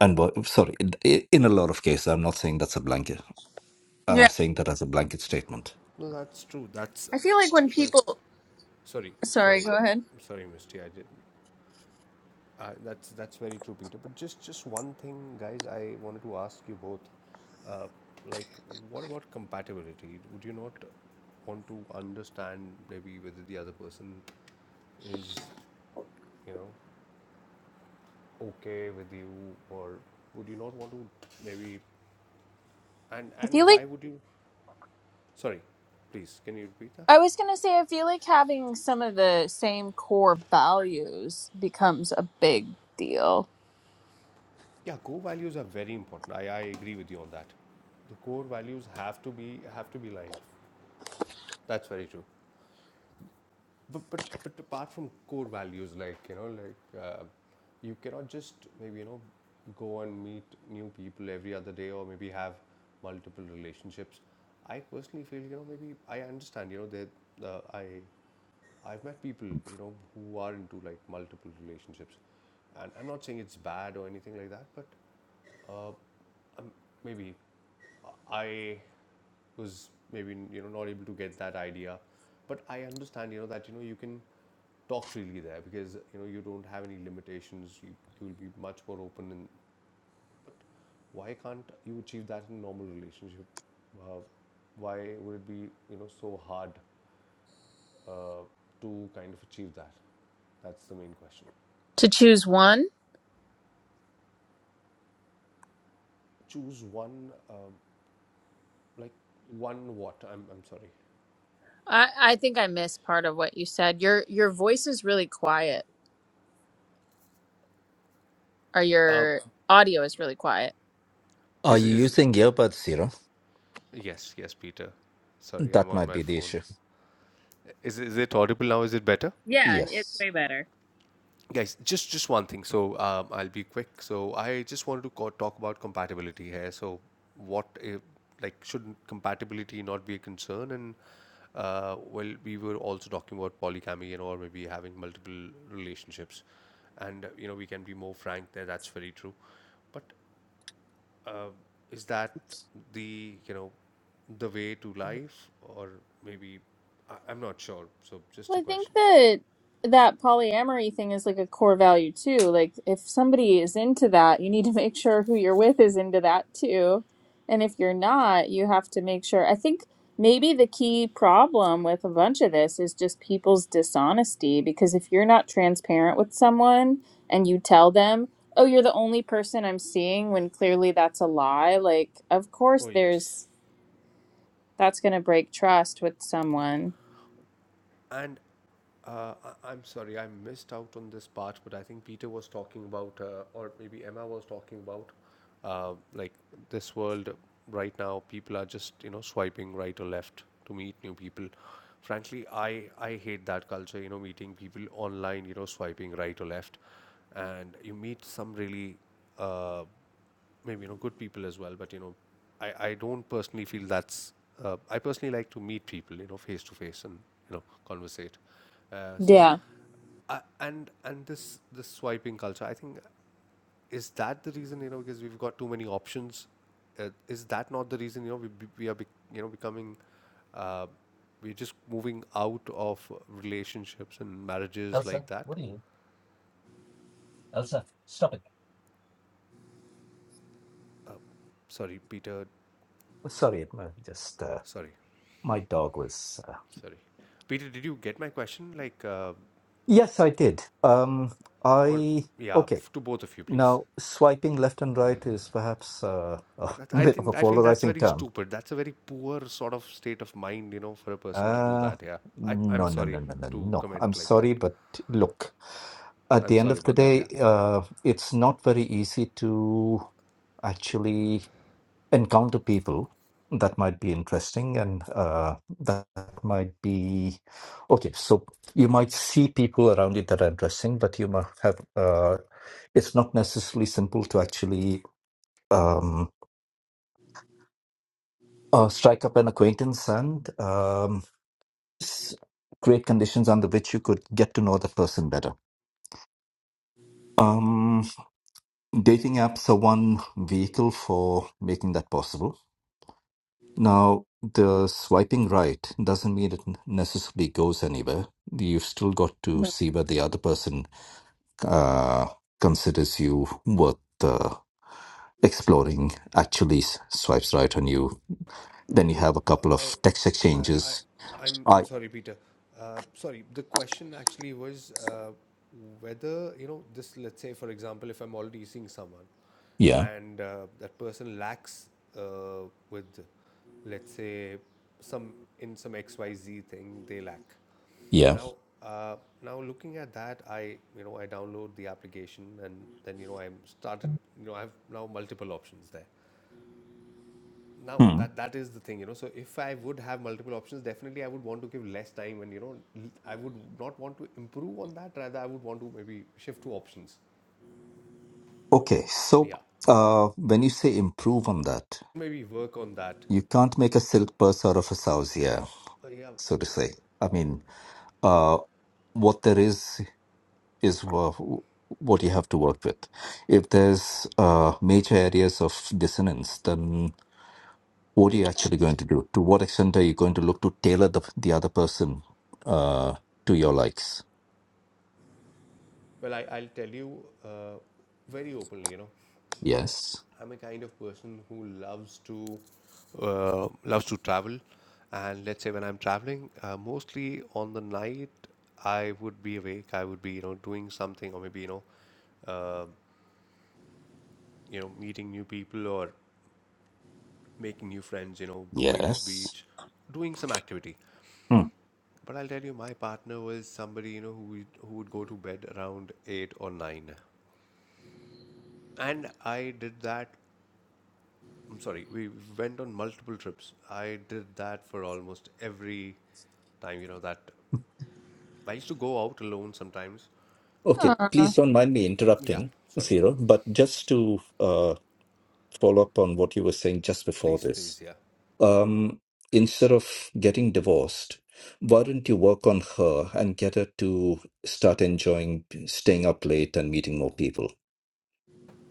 [SPEAKER 2] and wo- sorry, in in a lot of cases, I'm not saying that's a blanket, uh,
[SPEAKER 1] Yeah.
[SPEAKER 2] saying that as a blanket statement.
[SPEAKER 4] no, that's true. That's
[SPEAKER 1] I feel like when
[SPEAKER 4] true.
[SPEAKER 1] people,
[SPEAKER 4] Sorry,
[SPEAKER 1] sorry,
[SPEAKER 4] sorry,
[SPEAKER 1] go ahead.
[SPEAKER 4] sorry, Misty. I did Uh, that's that's very true, Peter. But just just one thing, guys, I wanted to ask you both, uh, like, what about compatibility? Would you not want to understand maybe whether the other person is, you know, okay with you, or would you not want to maybe, and
[SPEAKER 1] I feel
[SPEAKER 4] and
[SPEAKER 1] like
[SPEAKER 4] why would you? Sorry, please, can you repeat that?
[SPEAKER 1] I was going to say, I feel like having some of the same core values becomes a big deal.
[SPEAKER 4] Yeah, core values are very important. I, I agree with you on that. The core values have to be have to be lined. That's very true. But, but but apart from core values, like you know, like uh, you cannot just maybe you know go and meet new people every other day, or maybe have multiple relationships. I personally feel you know maybe I understand you know that uh, I I've met people you know who are into like multiple relationships, and I'm not saying it's bad or anything like that, but uh, um, maybe I was maybe you know not able to get that idea but I understand, you know, that you know you can talk freely there because you know you don't have any limitations. You you will be much more open. And but why can't you achieve that in a normal relationship? Uh, why would it be you know so hard uh, to kind of achieve that? That's the main question.
[SPEAKER 1] To choose one
[SPEAKER 4] Choose one, um like one what? I'm I'm sorry.
[SPEAKER 1] I, I think I missed part of what you said. Your your voice is really quiet, or
[SPEAKER 4] Uh,
[SPEAKER 1] your audio is really quiet.
[SPEAKER 2] Are
[SPEAKER 4] is
[SPEAKER 2] you
[SPEAKER 4] is
[SPEAKER 2] using earbuds, Zero?
[SPEAKER 4] yes yes Peter. Sorry, I'm
[SPEAKER 2] That
[SPEAKER 4] on
[SPEAKER 2] might
[SPEAKER 4] my
[SPEAKER 2] be the
[SPEAKER 4] phone.
[SPEAKER 2] issue.
[SPEAKER 4] Is is it audible now? Is it better?
[SPEAKER 1] Yeah, it's
[SPEAKER 2] Yes.
[SPEAKER 1] way better.
[SPEAKER 4] Guys, just just one thing. So um, I'll be quick. So I just wanted to co- talk about compatibility here. So what if, like should compatibility not be a concern? And uh, well, we were also talking about polygamy, you know, or maybe having multiple relationships. And uh, you know, we can be more frank there. That's very true. But uh, is that the you know the way to life, or maybe I, I'm not sure. So just
[SPEAKER 1] Well,
[SPEAKER 4] a
[SPEAKER 1] I think
[SPEAKER 4] question.
[SPEAKER 1] that that polyamory thing is like a core value too. Like if somebody is into that, you need to *laughs* make sure who you're with is into that too. And if you're not, you have to make sure. I think maybe the key problem with a bunch of this is just people's dishonesty because if you're not transparent with someone and you tell them, "Oh, you're the only person I'm seeing," when clearly that's a lie, like of course
[SPEAKER 4] Oh, yes.
[SPEAKER 1] there's that's going to break trust with someone.
[SPEAKER 4] And uh, I- I'm sorry, I missed out on this part, but I think Peter was talking about, uh, or maybe Emma was talking about, uh, like this world right now, people are just, you know, swiping right or left to meet new people. Frankly, I, I hate that culture, you know, meeting people online, you know, swiping right or left. And you meet some really uh, maybe you know good people as well but you know i, I don't personally feel that's uh, i personally like to meet people you know face to face and you know conversate uh, so
[SPEAKER 1] Yeah.
[SPEAKER 4] uh, and and this this swiping culture i think is that the reason you know because we've got too many options uh, is that not the reason you know we, we are bec you know becoming uh, we're just moving out of relationships and marriages
[SPEAKER 2] Elsa,
[SPEAKER 4] like
[SPEAKER 2] Elsa,
[SPEAKER 4] that
[SPEAKER 2] what are you? Elsa, stop it.
[SPEAKER 4] sorry peter
[SPEAKER 2] Oh, Sorry, uh, just uh,
[SPEAKER 4] sorry
[SPEAKER 2] my dog was. Uh...
[SPEAKER 4] sorry peter did you get my question like uh,
[SPEAKER 2] Yes, I did. Um,
[SPEAKER 4] or
[SPEAKER 2] I
[SPEAKER 4] yeah,
[SPEAKER 2] okay.
[SPEAKER 4] f- to both of you, please.
[SPEAKER 2] Now, swiping left and right is perhaps uh, a
[SPEAKER 4] That,
[SPEAKER 2] *laughs*
[SPEAKER 4] I
[SPEAKER 2] bit of a
[SPEAKER 4] think I feel that's
[SPEAKER 2] polarizing
[SPEAKER 4] very
[SPEAKER 2] term.
[SPEAKER 4] stupid. That's a very poor sort of state of mind, you know, for a person to do
[SPEAKER 2] Uh,
[SPEAKER 4] that. Yeah, I, I'm
[SPEAKER 2] no, no, no,
[SPEAKER 4] sorry
[SPEAKER 2] no, no,
[SPEAKER 4] to
[SPEAKER 2] no. I'm
[SPEAKER 4] comment like that.
[SPEAKER 2] sorry, but look, at
[SPEAKER 4] I'm
[SPEAKER 2] the end
[SPEAKER 4] sorry
[SPEAKER 2] of the
[SPEAKER 4] about that.
[SPEAKER 2] day,
[SPEAKER 4] Yeah.
[SPEAKER 2] uh, it's not very easy to actually. encounter people that might be interesting and uh, that might be okay so you might see people around you that are interesting but you might have uh, it's not necessarily simple to actually um, uh, strike up an acquaintance and um, s- create conditions under which you could get to know the person better um, dating apps are one vehicle for making that possible Now, the swiping right doesn't mean it n- necessarily goes anywhere. You've still got to
[SPEAKER 1] Mhm.
[SPEAKER 2] see where the other person uh, considers you worth uh, exploring, actually s- swipes right on you. Then you
[SPEAKER 4] No,
[SPEAKER 2] have a
[SPEAKER 4] uh,
[SPEAKER 2] couple of text
[SPEAKER 4] I, I,
[SPEAKER 2] exchanges.
[SPEAKER 4] I'm, I'm
[SPEAKER 2] I
[SPEAKER 4] sorry, Peter. Uh, sorry, the question actually was uh, whether, you know, this, let's say, for example, if I'm already seeing someone
[SPEAKER 2] yeah
[SPEAKER 4] and uh, that person lacks uh, with, let's say, some in some XYZ thing they lack.
[SPEAKER 2] yeah.
[SPEAKER 4] Now, uh, now looking at that, I you know I download the application and then you know I'm started you know I have now multiple options there now
[SPEAKER 2] Hmm.
[SPEAKER 4] that that is the thing you know so if i would have multiple options definitely i would want to give less time and you know I would not want to improve on that rather i would want to maybe shift to options
[SPEAKER 2] Okay, so
[SPEAKER 4] yeah
[SPEAKER 2] uh, when you say improve on that,
[SPEAKER 4] maybe work on that
[SPEAKER 2] you can't make a silk purse out of a sow's ear,
[SPEAKER 4] Uh, yeah
[SPEAKER 2] so to say. I mean, uh, what there is. is wha- what you have to work with. If there's uh, major areas of dissonance, then what are you actually going to do? To what extent are you going to look to tailor the, the other person uh, to your likes?
[SPEAKER 4] well I, i'll tell you uh, very openly you know
[SPEAKER 2] Yes.
[SPEAKER 4] i'm a kind of person who loves to uh, loves to travel and let's say when i'm traveling uh, mostly on the night I would be awake. I would be, you know, doing something, or maybe you know, uh, you know, meeting new people, or making new friends, you know, going to the
[SPEAKER 2] Yes.
[SPEAKER 4] beach, doing some activity.
[SPEAKER 2] Hmm.
[SPEAKER 4] But I'll tell you, my partner was somebody, you know, who would- who would go to bed around eight or nine, and I did that. I'm sorry, we went on multiple trips. I did that for almost every time, you know, that I used to go out alone sometimes.
[SPEAKER 2] Okay.
[SPEAKER 1] Huh.
[SPEAKER 2] Please don't mind me
[SPEAKER 4] Yeah,
[SPEAKER 2] interrupting,
[SPEAKER 4] sorry, yeah.
[SPEAKER 2] Zero, but just to uh, follow up on what you were saying just before
[SPEAKER 4] Please,
[SPEAKER 2] this
[SPEAKER 4] please, yeah.
[SPEAKER 2] um, instead of getting divorced, why don't you work on her and get her to start enjoying staying up late and meeting more people?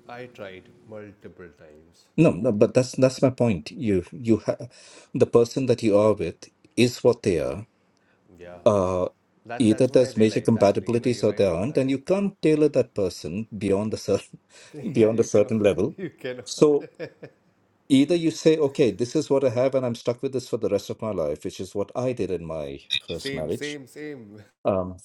[SPEAKER 4] I tried multiple times.
[SPEAKER 2] No, no, but that's that's my point. You you ha the person that you are with is what they are.
[SPEAKER 4] Yeah.
[SPEAKER 2] Uh,
[SPEAKER 4] That
[SPEAKER 2] either
[SPEAKER 4] that's what I
[SPEAKER 2] there's major
[SPEAKER 4] realized actually. You know,
[SPEAKER 2] compatibilities
[SPEAKER 4] you're
[SPEAKER 2] or
[SPEAKER 4] right
[SPEAKER 2] there
[SPEAKER 4] about
[SPEAKER 2] aren't,
[SPEAKER 4] that,
[SPEAKER 2] and
[SPEAKER 4] yeah.
[SPEAKER 2] you can't tailor that person beyond a certain *laughs*
[SPEAKER 4] *laughs* Yeah,
[SPEAKER 2] beyond a
[SPEAKER 4] you cannot
[SPEAKER 2] certain level.
[SPEAKER 4] *laughs* you cannot
[SPEAKER 2] So either you say, okay, this is what I have, and I'm stuck with this for the rest of my life, which is what I did in my first
[SPEAKER 4] Same,
[SPEAKER 2] marriage
[SPEAKER 4] same, same. *laughs*
[SPEAKER 2] um,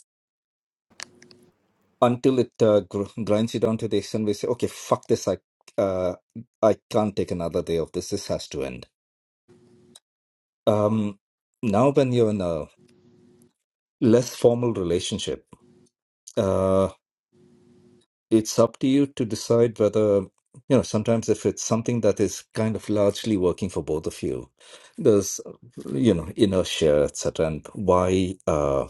[SPEAKER 2] until it uh, gr- grinds you down to the extent where you say, okay, fuck this, I, uh, I can't take another day of this, this has to end. Um, now, when you're in a less formal relationship, uh, it's up to you to decide whether, you know, sometimes if it's something that is kind of largely working for both of you, there's, you know, inertia, etc. And why uh,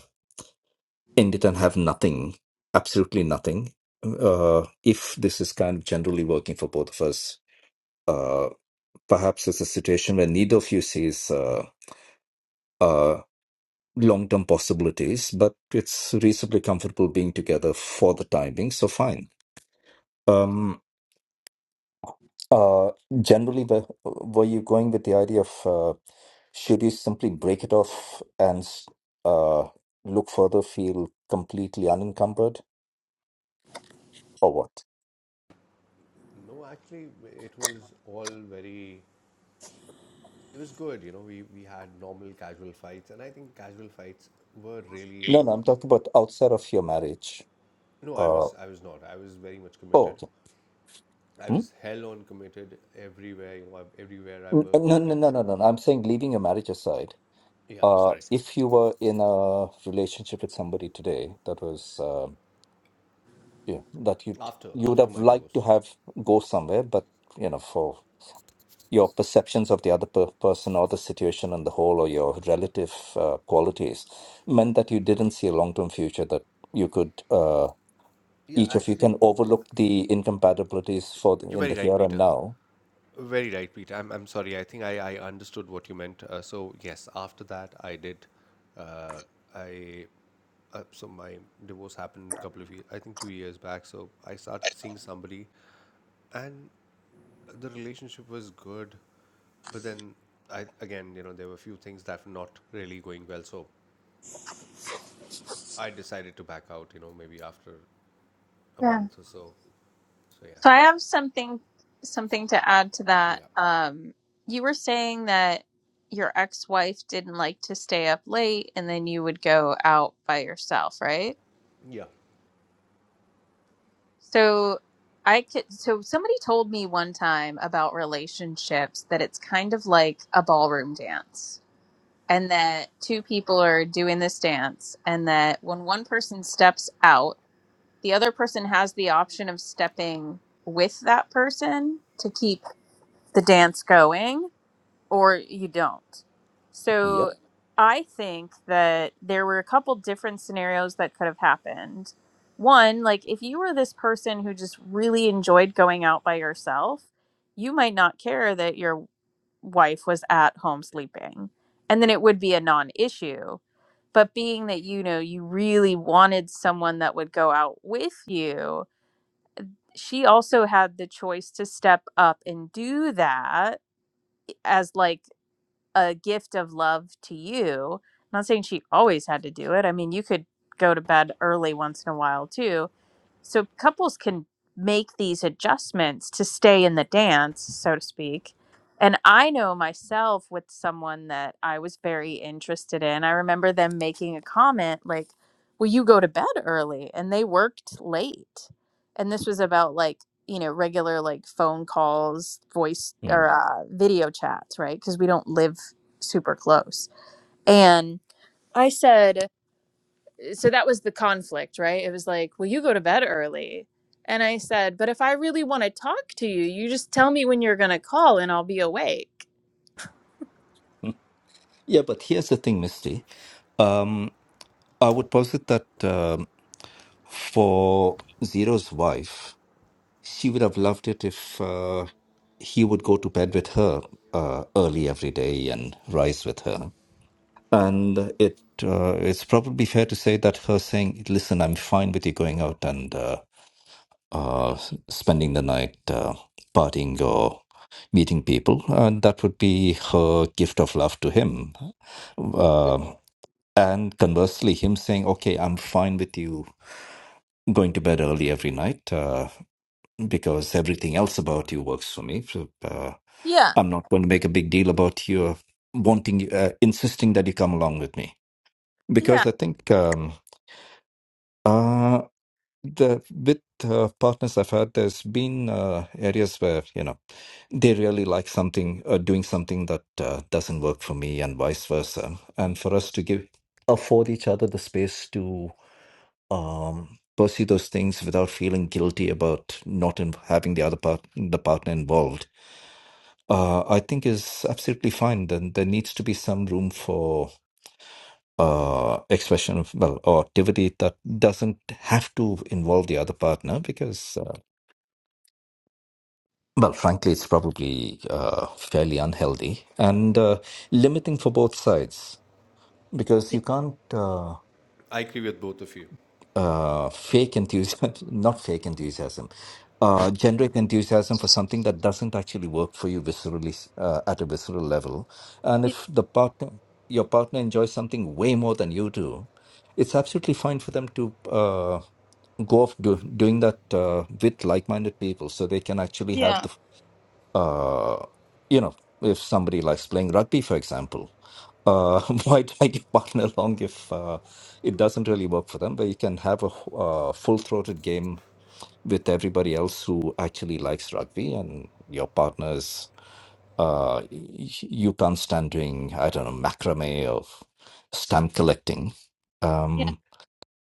[SPEAKER 2] end it and have nothing, absolutely nothing, uh, if this is kind of generally working for both of us uh, perhaps it's a situation where neither of you sees uh, uh, long term possibilities, but it's reasonably comfortable being together for the time being, so fine. Um, uh, generally, were, were you going with the idea of uh, should you simply break it off and s- uh, look further, feel completely unencumbered, or what?
[SPEAKER 4] No, actually, it was all very. It was good, you know. We we had normal casual fights, and I think casual fights were really.
[SPEAKER 2] No, no, I'm talking about outside of your marriage.
[SPEAKER 4] No, I
[SPEAKER 2] Uh,
[SPEAKER 4] was I was not. I was very much
[SPEAKER 2] oh,
[SPEAKER 4] committed.
[SPEAKER 2] okay.
[SPEAKER 4] I
[SPEAKER 2] Hmm?
[SPEAKER 4] was hell on committed everywhere. You know, I've- everywhere I
[SPEAKER 2] N-
[SPEAKER 4] worked.
[SPEAKER 2] No, no, no, no,
[SPEAKER 4] E-
[SPEAKER 2] no. no, I'm saying leaving your marriage aside
[SPEAKER 4] Yeah,
[SPEAKER 2] Uh,
[SPEAKER 4] sorry.
[SPEAKER 2] if you were in a relationship with somebody today that was, uh, yeah, that you
[SPEAKER 4] After
[SPEAKER 2] you would
[SPEAKER 4] after
[SPEAKER 2] have
[SPEAKER 4] my
[SPEAKER 2] liked to
[SPEAKER 4] divorce.
[SPEAKER 2] have go somewhere, but you know, for your perceptions of the other per person or the situation on the whole, or your relative uh, qualities, meant that you didn't see a long-term future that you could uh,
[SPEAKER 4] Yeah,
[SPEAKER 2] each of you
[SPEAKER 4] actually,
[SPEAKER 2] can overlook the incompatibilities for the,
[SPEAKER 4] you're
[SPEAKER 2] in
[SPEAKER 4] very
[SPEAKER 2] the
[SPEAKER 4] right,
[SPEAKER 2] here and
[SPEAKER 4] Peter.
[SPEAKER 2] now.
[SPEAKER 4] Very right, Pete. I'm I'm sorry. I think I I understood what you meant. Uh, so yes, after that, I did. Uh, I uh, so my divorce happened a couple of years. I think two years back. So I started seeing somebody, and the relationship was good, but then I again, you know, there were a few things that were not really going well. So I decided to back out. You know, maybe after a
[SPEAKER 1] Yeah.
[SPEAKER 4] month or so. So yeah,
[SPEAKER 1] So I have something something to add to that.
[SPEAKER 4] Yeah.
[SPEAKER 1] Um, you were saying that your ex-wife didn't like to stay up late and then you would go out by yourself, right?
[SPEAKER 4] yeah.
[SPEAKER 1] So I could so somebody told me one time about relationships that it's kind of like a ballroom dance and that two people are doing this dance and that when one person steps out, the other person has the option of stepping with that person to keep the dance going or you don't. So
[SPEAKER 2] Yep.
[SPEAKER 1] I think that there were a couple different scenarios that could have happened. One, like if you were this person who just really enjoyed going out by yourself, you might not care that your wife was at home sleeping. And then it would be a non issue. But being that you know you really wanted someone that would go out with you, she also had the choice to step up and do that as like a gift of love to you. I'm not saying she always had to do it. I mean, you could go to bed early once in a while too, so couples can make these adjustments to stay in the dance, so to speak. And I know myself with someone that I was very interested in. I remember them making a comment like, "Well, you go to bed early," and they worked late. And this was about like you know regular like phone calls, voice
[SPEAKER 2] Mm.
[SPEAKER 1] or uh, video chats, right? Because we don't live super close. And I said so that was the conflict, right? It was like, well, you go to bed early. And I said, but if I really want to talk to you, you just tell me when you're going to call and I'll be awake.
[SPEAKER 2] Mm. *laughs* Yeah, but here's the thing, Misty. Um, I would posit that um, for Zero's wife, she would have loved it if uh, he would go to bed with her uh, early every day and rise with her. And it uh, it's probably fair to say that her saying, "Listen, I'm fine with you going out and uh, uh, s- spending the night uh, partying or meeting people," and that would be her gift of love to him. Uh, and conversely, him saying, "Okay, I'm fine with you going to bed early every night uh, because everything else about you works for me. So, uh,
[SPEAKER 1] Yeah.
[SPEAKER 2] I'm not going to make a big deal about you uh, wanting, uh, insisting that you come along with me
[SPEAKER 1] Yeah.
[SPEAKER 2] because I think um, uh, the with uh, partners I've had, there's been uh, areas where you know they really like something, uh, doing something that uh, doesn't work for me, and vice versa. And for us to give afford each other the space to um, pursue those things without feeling guilty about not in, having the other part, the partner involved, uh, I think is absolutely fine. Then there needs to be some room for uh, expression of well or activity that doesn't have to involve the other partner because uh, well, frankly, it's probably uh, fairly unhealthy and uh, limiting for both sides because you can't. Uh,
[SPEAKER 4] I agree with both of you.
[SPEAKER 2] uh, fake enthusiasm, *laughs* not fake enthusiasm, uh, generic enthusiasm for something that doesn't actually work for you viscerally s- uh, at a visceral level. And if the partner, your partner enjoys something way more than you do, it's absolutely fine for them to uh, go off do, doing that uh, with like-minded people, so they can actually have the uh, you know, if somebody likes playing rugby, for example, uh, *laughs* why drag your partner *laughs* along if uh, it doesn't really work for them? But you can have a uh, full-throated game with everybody else who actually likes rugby, and your partners, uh, y- you can't stand doing, I don't know, macrame or stamp collecting. Um,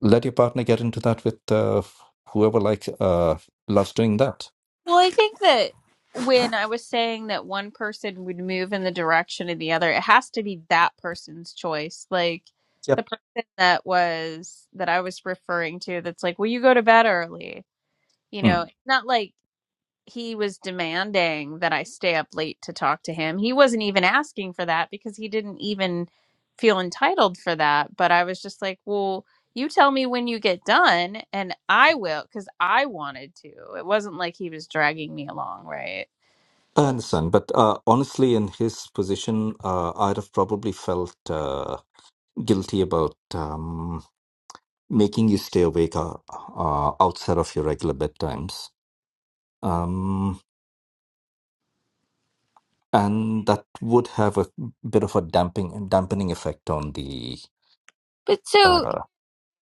[SPEAKER 2] let your partner get into that with uh, whoever likes uh, loves doing that.
[SPEAKER 1] Well, I think that when I was saying that one person would move in the direction of the other, it has to be that person's choice. Like the person that was that I was referring to that's like, "Will you go to bed early?" You
[SPEAKER 2] Yep.
[SPEAKER 1] know, not like he was demanding that I stay up late to talk to him. He wasn't even asking for that because he didn't even feel entitled for that. But I was just like, well, you tell me when you get done and I will because I wanted to. It wasn't like he was dragging me along, right?
[SPEAKER 2] I understand, but uh, honestly, in his position, uh, I'd have probably felt uh, guilty about um, making you stay awake uh, uh, outside of your regular bedtimes, um, and that would have a bit of a damping dampening effect on the
[SPEAKER 1] But so
[SPEAKER 2] uh,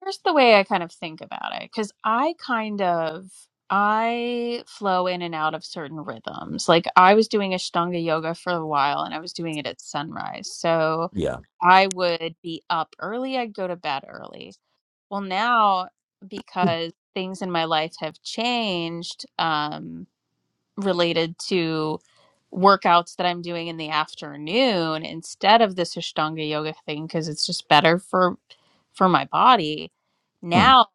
[SPEAKER 1] here's the way I kind of think about it because I kind of I flow in and out of certain rhythms. Like I was doing Ashtanga yoga for a while and I was doing it at sunrise. So
[SPEAKER 2] yeah,
[SPEAKER 1] I would be up early, I'd go to bed early. Well, now because things in my life have changed, um related to workouts that I'm doing in the afternoon instead of this Ashtanga yoga thing because it's just better for for my body.
[SPEAKER 2] mm,
[SPEAKER 1] Now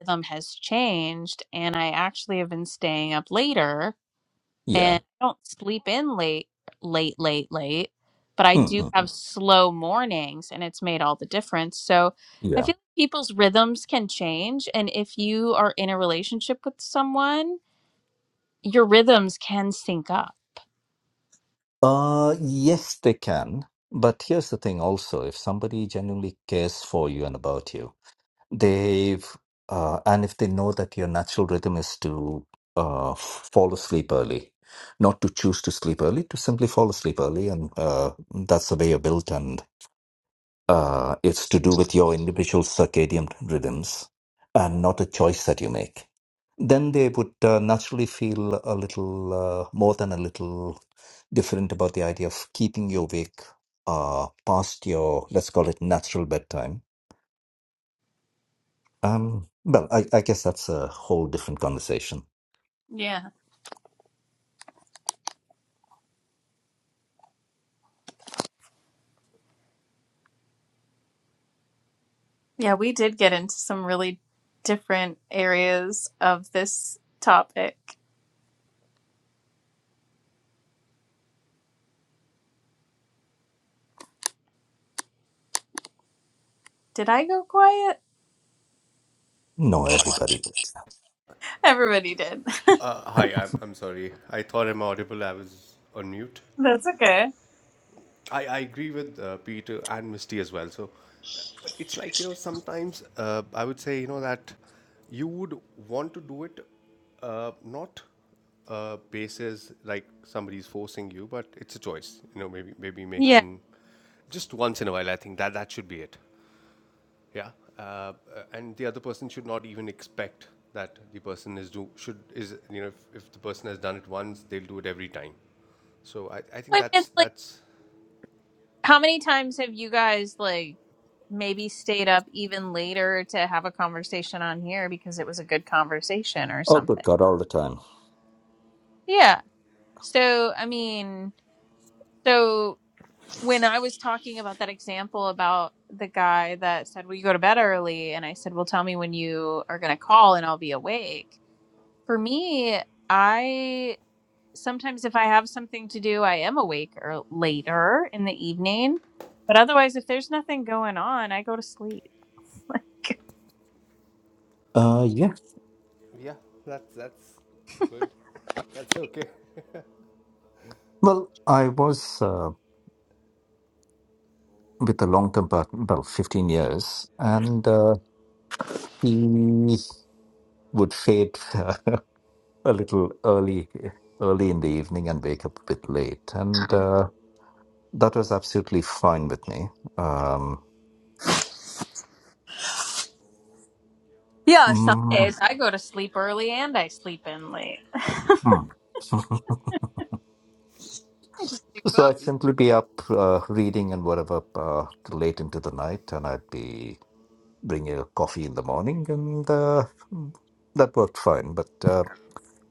[SPEAKER 1] rhythm has changed and I actually have been staying up later
[SPEAKER 2] yeah,
[SPEAKER 1] and I don't sleep in late late late late, but I
[SPEAKER 2] mm,
[SPEAKER 1] do
[SPEAKER 2] mm, mm,
[SPEAKER 1] have slow mornings and it's made all the difference. So I
[SPEAKER 2] yeah.
[SPEAKER 1] feel like people's rhythms can change and if you are in a relationship with someone, your rhythms can sync up
[SPEAKER 2] Uh, yes, they can, but here's the thing: also, if somebody genuinely cares for you and about you. They've, uh, and if they know that your natural rhythm is to uh, f- fall asleep early, not to choose to sleep early, to simply fall asleep early, and uh, that's the way you're built, and uh, it's to do with your individual circadian rhythms and not a choice that you make. Then they would uh, naturally feel a little uh, more than a little different about the idea of keeping you awake uh, past your, let's call it natural bedtime um, well, I, I guess that's a whole different conversation.
[SPEAKER 1] Yeah. Yeah, we did get into some really different areas of this topic. Did I go quiet?
[SPEAKER 2] No, everybody would.
[SPEAKER 1] Everybody did.
[SPEAKER 4] Uh, hi, I'm, I'm sorry. I thought I'm audible. I was on mute.
[SPEAKER 1] *laughs* That's okay.
[SPEAKER 4] I, I agree with uh, Peter and Misty as well. So, uh, but it's like, you know, sometimes uh, I would say, you know, that you would want to do it uh, not uh, basis like somebody's forcing you, but it's a choice, you know, maybe, maybe
[SPEAKER 1] Yeah.
[SPEAKER 4] making just once in a while. I think that that should be it. Yeah, uh, and the other person should not even expect that the person is do should is you know if, if the person has done it once, they'll do it every time. So I, I
[SPEAKER 1] I
[SPEAKER 4] think
[SPEAKER 1] mean,
[SPEAKER 4] that's
[SPEAKER 1] it's like,
[SPEAKER 4] that's
[SPEAKER 1] how many times have you guys, like, maybe stayed up even later to have a conversation on here because it was a good conversation or
[SPEAKER 2] Oh, good
[SPEAKER 1] something?
[SPEAKER 2] God, all the time.
[SPEAKER 1] Yeah. So, I mean, so. when I was talking about that example about the guy that said, "Well, you go to bed early? And I said, Well, tell me when you are going to call and I'll be awake. For me, I sometimes, if I have something to do, I am awake or later in the evening. But otherwise, if there's nothing going on, I go to sleep.
[SPEAKER 2] Uh, yeah.
[SPEAKER 4] yeah that's that's good. That's okay.
[SPEAKER 2] Well, I was uh, with a long term partner, well, 15 years, and uh, he would fade *laughs* a little early early in the evening and wake up a bit late and uh, that was absolutely fine with me um,
[SPEAKER 1] Yeah, some
[SPEAKER 2] mm,
[SPEAKER 1] days I go to sleep early and I sleep in late.
[SPEAKER 2] mm. *laughs* so i'd
[SPEAKER 4] *laughs*
[SPEAKER 2] simply be up uh, reading and whatever uh, till late into the night and i'd be bringing a coffee in the morning and uh, that worked fine but uh,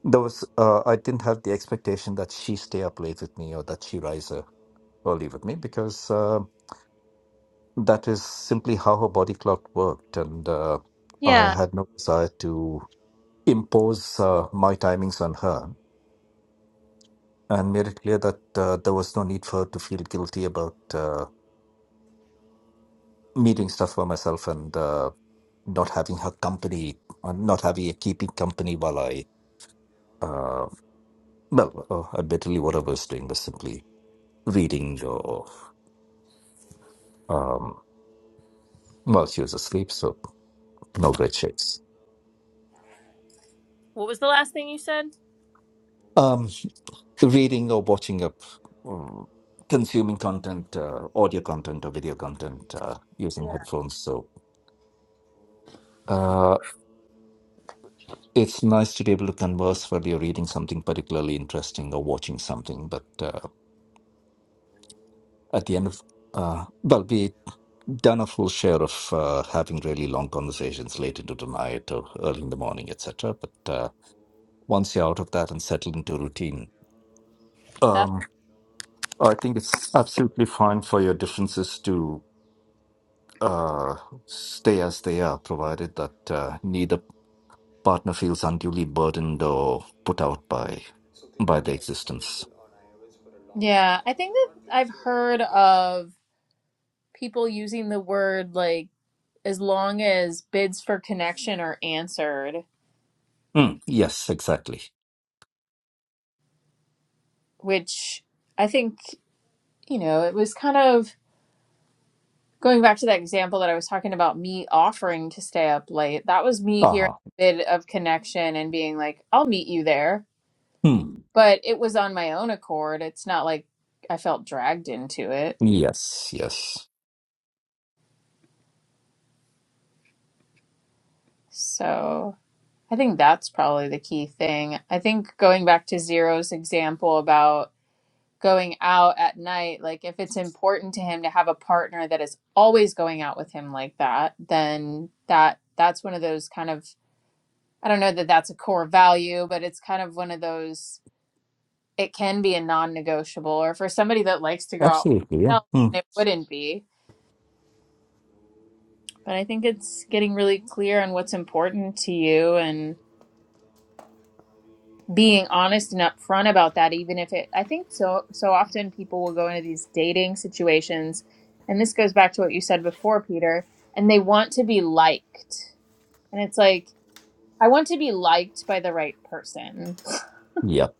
[SPEAKER 2] there was uh, i didn't have the expectation that she stay up late with me or that she rise uh, early with me because uh, that is simply how her body clock worked, and uh, I
[SPEAKER 1] Yeah.
[SPEAKER 2] had no desire to impose uh, my timings on her, and made it clear that uh, there was no need for her to feel guilty about uh, meeting stuff for myself and uh, not having her company, uh, not having keeping company while I, uh, well, uh, admittedly, what I was doing was simply reading or um, well, she was asleep, so no great shakes.
[SPEAKER 1] What was the last thing you said?
[SPEAKER 2] Um, reading or watching up or consuming content uh, audio content or video content uh, using
[SPEAKER 1] Yeah.
[SPEAKER 2] headphones so uh, it's nice to be able to converse while you're reading something particularly interesting or watching something but uh, at the end of uh, well we done a full share of uh, having really long conversations late into the night or early in the morning etc but uh, once you're out of that and settled into routine
[SPEAKER 1] That's
[SPEAKER 2] um, I think it's absolutely fine for your differences to uh, stay as they are, provided that uh, neither partner feels unduly burdened or put out by by their existence.
[SPEAKER 1] Yeah, I think that I've heard of people using the word like as long as bids for connection are answered,
[SPEAKER 2] Mm, yes, exactly.
[SPEAKER 1] which I think, you know, it was kind of going back to that example that I was talking about me offering to stay up late. That was me hearing
[SPEAKER 2] Uh-huh.
[SPEAKER 1] a bid of connection and being like, I'll meet you there.
[SPEAKER 2] Hmm.
[SPEAKER 1] But it was on my own accord. It's not like I felt dragged into it.
[SPEAKER 2] Yes, yes.
[SPEAKER 1] So I think that's probably the key thing. I think going back to Zero's example about going out at night, like if it's important to him to have a partner that is always going out with him like that, then that that's one of those kind of I don't know that that's a core value, but it's kind of one of those it can be a non-negotiable or for somebody that likes to go out
[SPEAKER 2] Absolutely, yeah.
[SPEAKER 1] themselves,
[SPEAKER 2] Mm.
[SPEAKER 1] it wouldn't be. But I think it's getting really clear on what's important to you and being honest and upfront about that even if it i think so so often people will go into these dating situations and this goes back to what you said before peter and they want to be liked and it's like i want to be liked by the right person
[SPEAKER 2] Yep.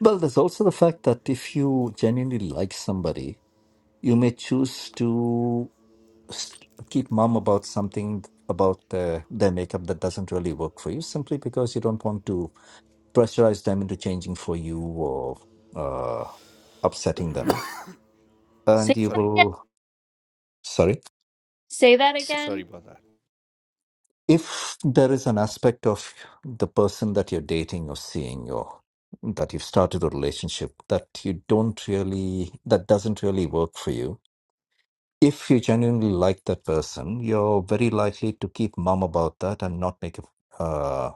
[SPEAKER 2] Well, there's also the fact that if you genuinely like somebody, you may choose to s- keep mum about something about uh, their makeup that doesn't really work for you simply because you don't want to pressurize them into changing for you or uh, upsetting them. And
[SPEAKER 1] say
[SPEAKER 2] you
[SPEAKER 1] that
[SPEAKER 4] Sorry,
[SPEAKER 1] again
[SPEAKER 2] will, sorry,
[SPEAKER 1] say that
[SPEAKER 4] sorry
[SPEAKER 1] again
[SPEAKER 4] about that.
[SPEAKER 2] if there is an aspect of the person that you're dating or seeing or that you've started a relationship that you don't really, that doesn't really work for you. If you genuinely like that person, you're very likely to keep mum about that and not make a, uh,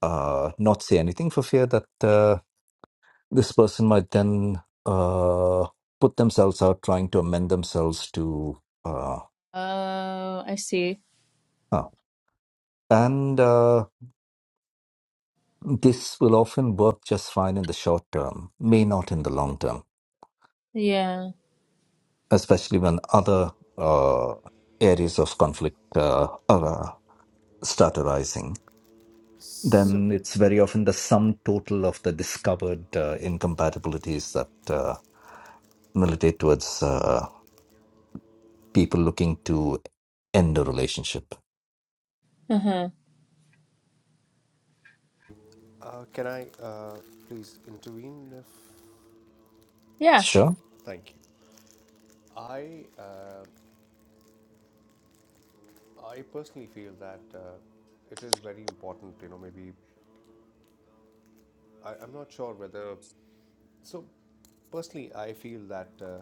[SPEAKER 2] uh, not say anything for fear that uh, this person might then uh, put themselves out trying to amend themselves to uh,
[SPEAKER 1] oh i see
[SPEAKER 2] oh. and uh, this will often work just fine in the short term may not in the long term
[SPEAKER 1] yeah
[SPEAKER 2] especially when other uh, areas of conflict uh, are, uh, start arising
[SPEAKER 4] So,
[SPEAKER 2] then it's very often the sum total of the discovered uh, incompatibilities that uh, militate towards uh, people looking to end a relationship
[SPEAKER 1] uh-huh
[SPEAKER 4] uh, can I uh, please intervene? If...
[SPEAKER 1] yeah
[SPEAKER 2] sure
[SPEAKER 4] Thank you. I uh, I personally feel that uh, it is very important. You know, maybe I, I'm not sure whether So, personally, I feel that uh,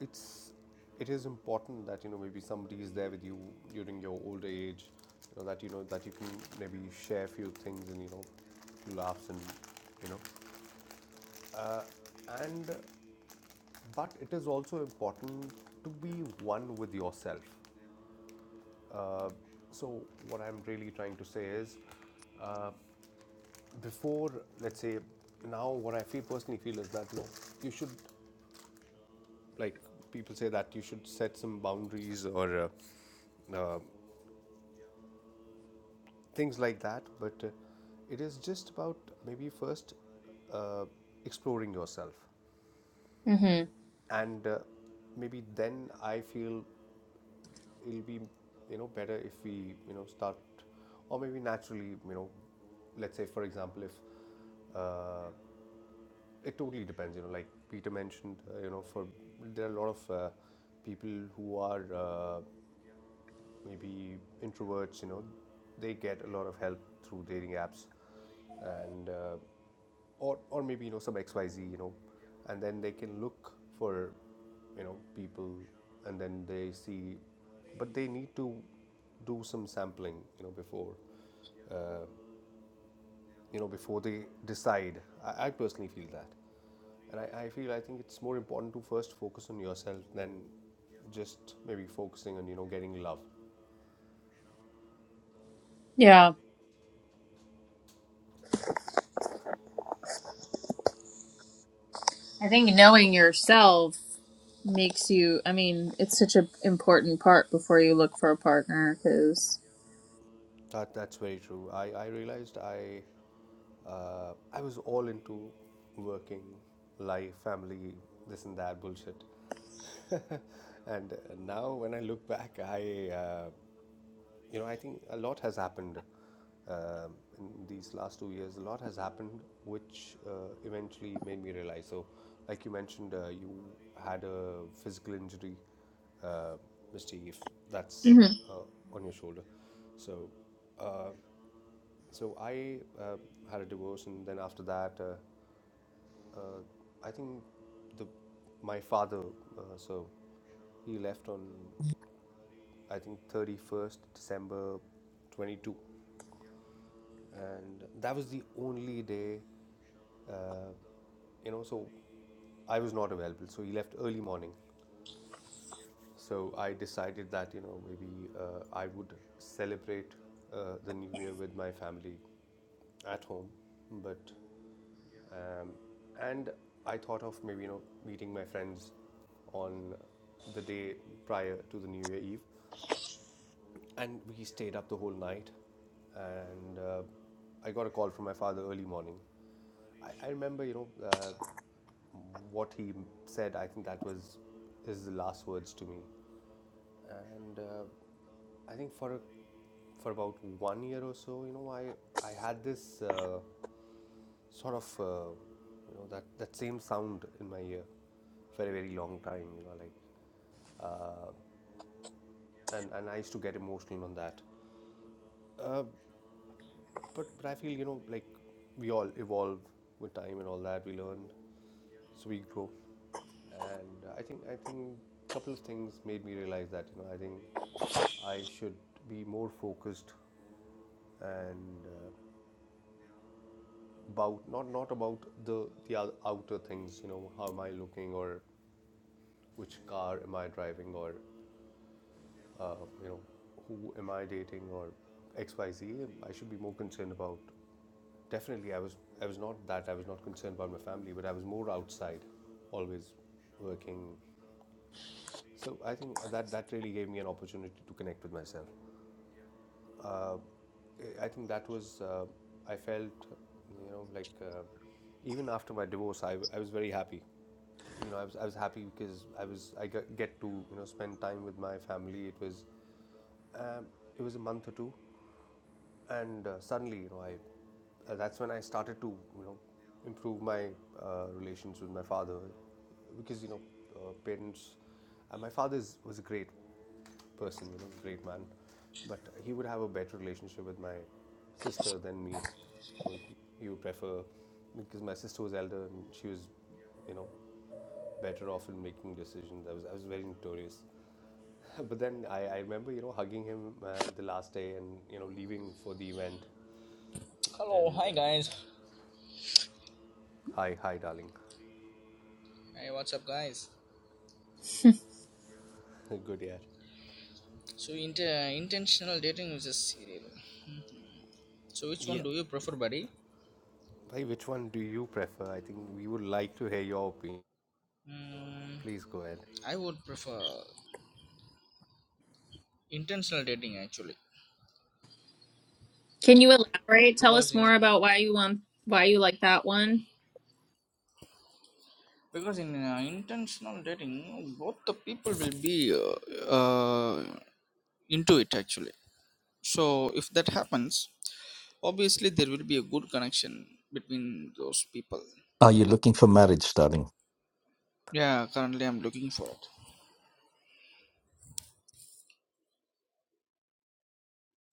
[SPEAKER 4] it's it is important that you know maybe somebody is there with you during your older age, you know, that you know that you can maybe share a few things and you know laughs and you know and uh, but it is also important to be one with yourself. Uh, so what I'm really trying to say is uh, before let's say now what I feel personally feel is that you know you should like people say that you should set some boundaries or uh, uh, things like that but uh, it is just about maybe first uh, exploring yourself
[SPEAKER 1] mm-hmm
[SPEAKER 4] and uh, maybe then i feel it'll be you know better if we you know start or maybe naturally you know let's say for example if uh, it totally depends you know like peter mentioned uh, you know for there are a lot of uh, people who are uh, Maybe introverts, you know, they get a lot of help through dating apps, and uh, or or maybe you know some X Y Z, you know, and then they can look for you know people, and then they see, but they need to do some sampling, you know, before uh, you know before they decide. I, I personally feel that, and I, I feel I think it's more important to first focus on yourself than just maybe focusing on you know getting love.
[SPEAKER 1] yeah i think knowing yourself makes you i mean it's such an important part before you look for a partner because
[SPEAKER 4] That, that's very true. I, I realized I uh, I was all into working, life, family, this and that bullshit. *laughs* and now when I look back, I uh, you know I think a lot has happened um in these last two years. A lot has happened, which uh, eventually made me realize. So, like you mentioned, uh, you had a physical injury, uh, Mr. That's
[SPEAKER 1] mm-hmm.
[SPEAKER 4] uh, on your shoulder. So. Uh, so I uh, had a divorce, and then after that, uh, uh, I think the my father. Uh, so he left on I think 31st December 22, and that was the only day. Uh, you know, so I was not available. So he left early morning. So I decided that you know maybe uh, I would celebrate uh, the new year with my family at home, but Um, and I thought of maybe you know meeting my friends on the day prior to the New Year Eve, and we stayed up the whole night. And uh, I got a call from my father early morning. I, I remember you know uh, what he said. I think that was his last words to me. And uh, I think for a, for about one year or so, you know, I I had this. Uh, sort of uh, you know that that same sound in my ear for a very long time you know like uh, and and I used to get emotional on that uh, but but I feel you know like we all evolve with time and all that we learn so we grow and I think I think a couple of things made me realize that you know I think I should be more focused and uh, about not not about the the outer things you know how am I looking or which car am I driving or uh, you know who am I dating or X Y Z? I should be more concerned about definitely I was I was not that I was not concerned about my family but I was more outside always working so I think that that really gave me an opportunity to connect with myself uh, I think that was uh, I felt you know like uh, even after my divorce I, I was very happy you know, I was, I was happy because I was I get to you know spend time with my family. It was Um, it was a month or two, and uh, suddenly, you know, I uh, that's when I started to, you know, improve my uh, relations with my father, because you know, uh, parents. Uh, my father is, was a great person, you know, great man, but he would have a better relationship with my sister than me. You know, he, he would prefer because my sister was elder and she was, you know, better off in making decisions. I was I was very notorious *laughs* But then I, I remember, you know, hugging him uh, the last day and, you know, leaving for the event.
[SPEAKER 6] Hello,
[SPEAKER 4] And
[SPEAKER 6] hi
[SPEAKER 4] uh,
[SPEAKER 6] guys.
[SPEAKER 4] hi, hi, darling.
[SPEAKER 6] Hey, what's up, guys?
[SPEAKER 4] *laughs* Good year.
[SPEAKER 6] So, int- uh, intentional dating is a serial. So, which
[SPEAKER 4] Yeah.
[SPEAKER 6] one do you prefer, buddy?
[SPEAKER 4] Bhai, which one do you prefer? I think we would like to hear your opinion.
[SPEAKER 6] Mm,
[SPEAKER 4] Please go ahead.
[SPEAKER 6] I would prefer intentional dating actually,
[SPEAKER 1] Can you elaborate? Tell
[SPEAKER 6] because
[SPEAKER 1] us
[SPEAKER 6] in
[SPEAKER 1] more about why you want why you like that one.
[SPEAKER 6] because in uh, intentional dating, both the people will be uh, uh, into it actually. So, if that happens, obviously there will be a good connection between those people.
[SPEAKER 2] Are you looking for marriage, darling?
[SPEAKER 6] Yeah, currently I'm looking for it.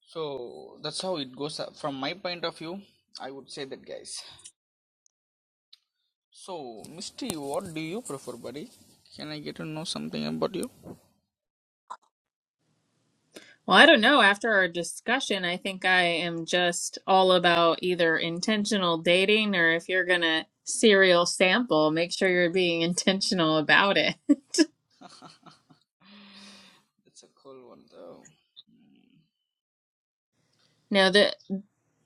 [SPEAKER 6] So that's how it goes up. from my point of view. I would say that, guys. So, Misty, what do you prefer, buddy? Can I get to know something about you?
[SPEAKER 1] Well, I don't know. After our discussion, I think I am just all about either intentional dating or if you're going to serial sample, make sure you're being *laughs* intentional about it. *laughs*
[SPEAKER 6] It's a cool one, though.
[SPEAKER 1] now, the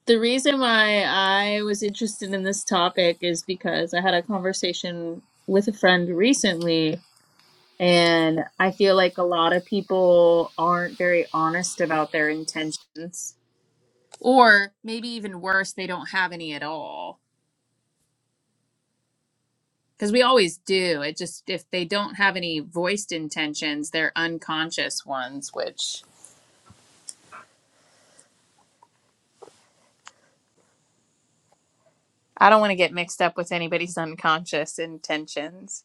[SPEAKER 1] the reason why I was interested in this topic is because I had a conversation with a friend recently and I feel like a lot of people aren't very honest about their intentions Or maybe even worse, they don't have any at all. Because we always do. It just, if they don't have any voiced intentions, they're unconscious ones, which I don't want to get mixed up with anybody's unconscious intentions.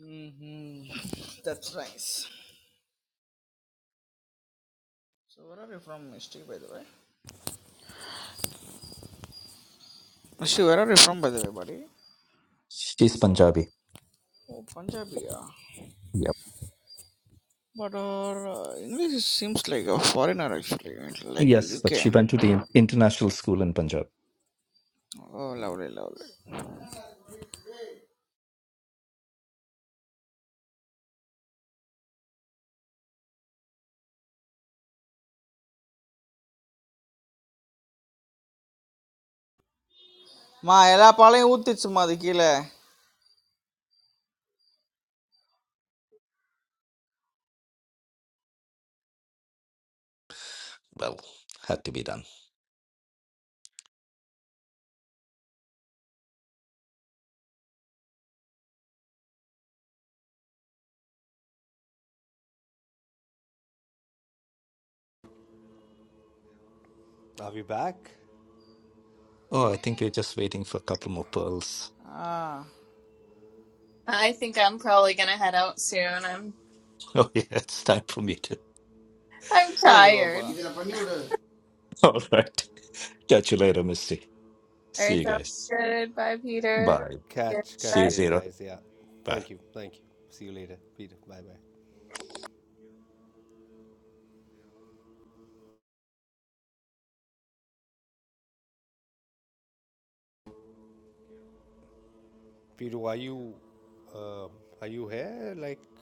[SPEAKER 6] hmm That's nice. So, where are you from, Misty, by the way? Misty, where are you from, by the way, buddy?
[SPEAKER 2] She's Punjabi.
[SPEAKER 6] Oh, Punjabi, yeah.
[SPEAKER 2] Yep.
[SPEAKER 6] But our uh, English seems like a foreigner, actually, like a
[SPEAKER 2] Yes, but she went to
[SPEAKER 6] UK.
[SPEAKER 2] the international school in Punjab.
[SPEAKER 6] Oh, lovely, lovely. Ma, Ella, மா எல்லா பாலையும் ஊத்திச்சுமா அது கீழே
[SPEAKER 2] Well, had to be done.
[SPEAKER 4] Are we back?
[SPEAKER 2] Oh, I think we're just waiting for a couple more pearls. *laughs*
[SPEAKER 6] Ah
[SPEAKER 1] I think I'm probably gonna head out soon. I'm
[SPEAKER 2] Oh, yeah, it's time for me to.
[SPEAKER 1] I'm
[SPEAKER 6] இல்லை இது
[SPEAKER 1] tired.
[SPEAKER 6] பாப்பா
[SPEAKER 2] *laughs* All right. Catch you later, Misty.
[SPEAKER 1] All
[SPEAKER 2] See
[SPEAKER 1] right,
[SPEAKER 2] you
[SPEAKER 1] sounds
[SPEAKER 2] guys.
[SPEAKER 1] good. Bye, Peter.
[SPEAKER 2] Bye.
[SPEAKER 1] Yeah,
[SPEAKER 4] Catch,
[SPEAKER 2] See
[SPEAKER 4] catch
[SPEAKER 2] you,
[SPEAKER 4] you
[SPEAKER 1] Bye.
[SPEAKER 4] later,
[SPEAKER 2] Zero.
[SPEAKER 4] guys. Yeah.
[SPEAKER 2] Bye.
[SPEAKER 4] Thank you. Thank you. See you later, Peter. Bye bye. Peter, are you, uh, are you here? Like,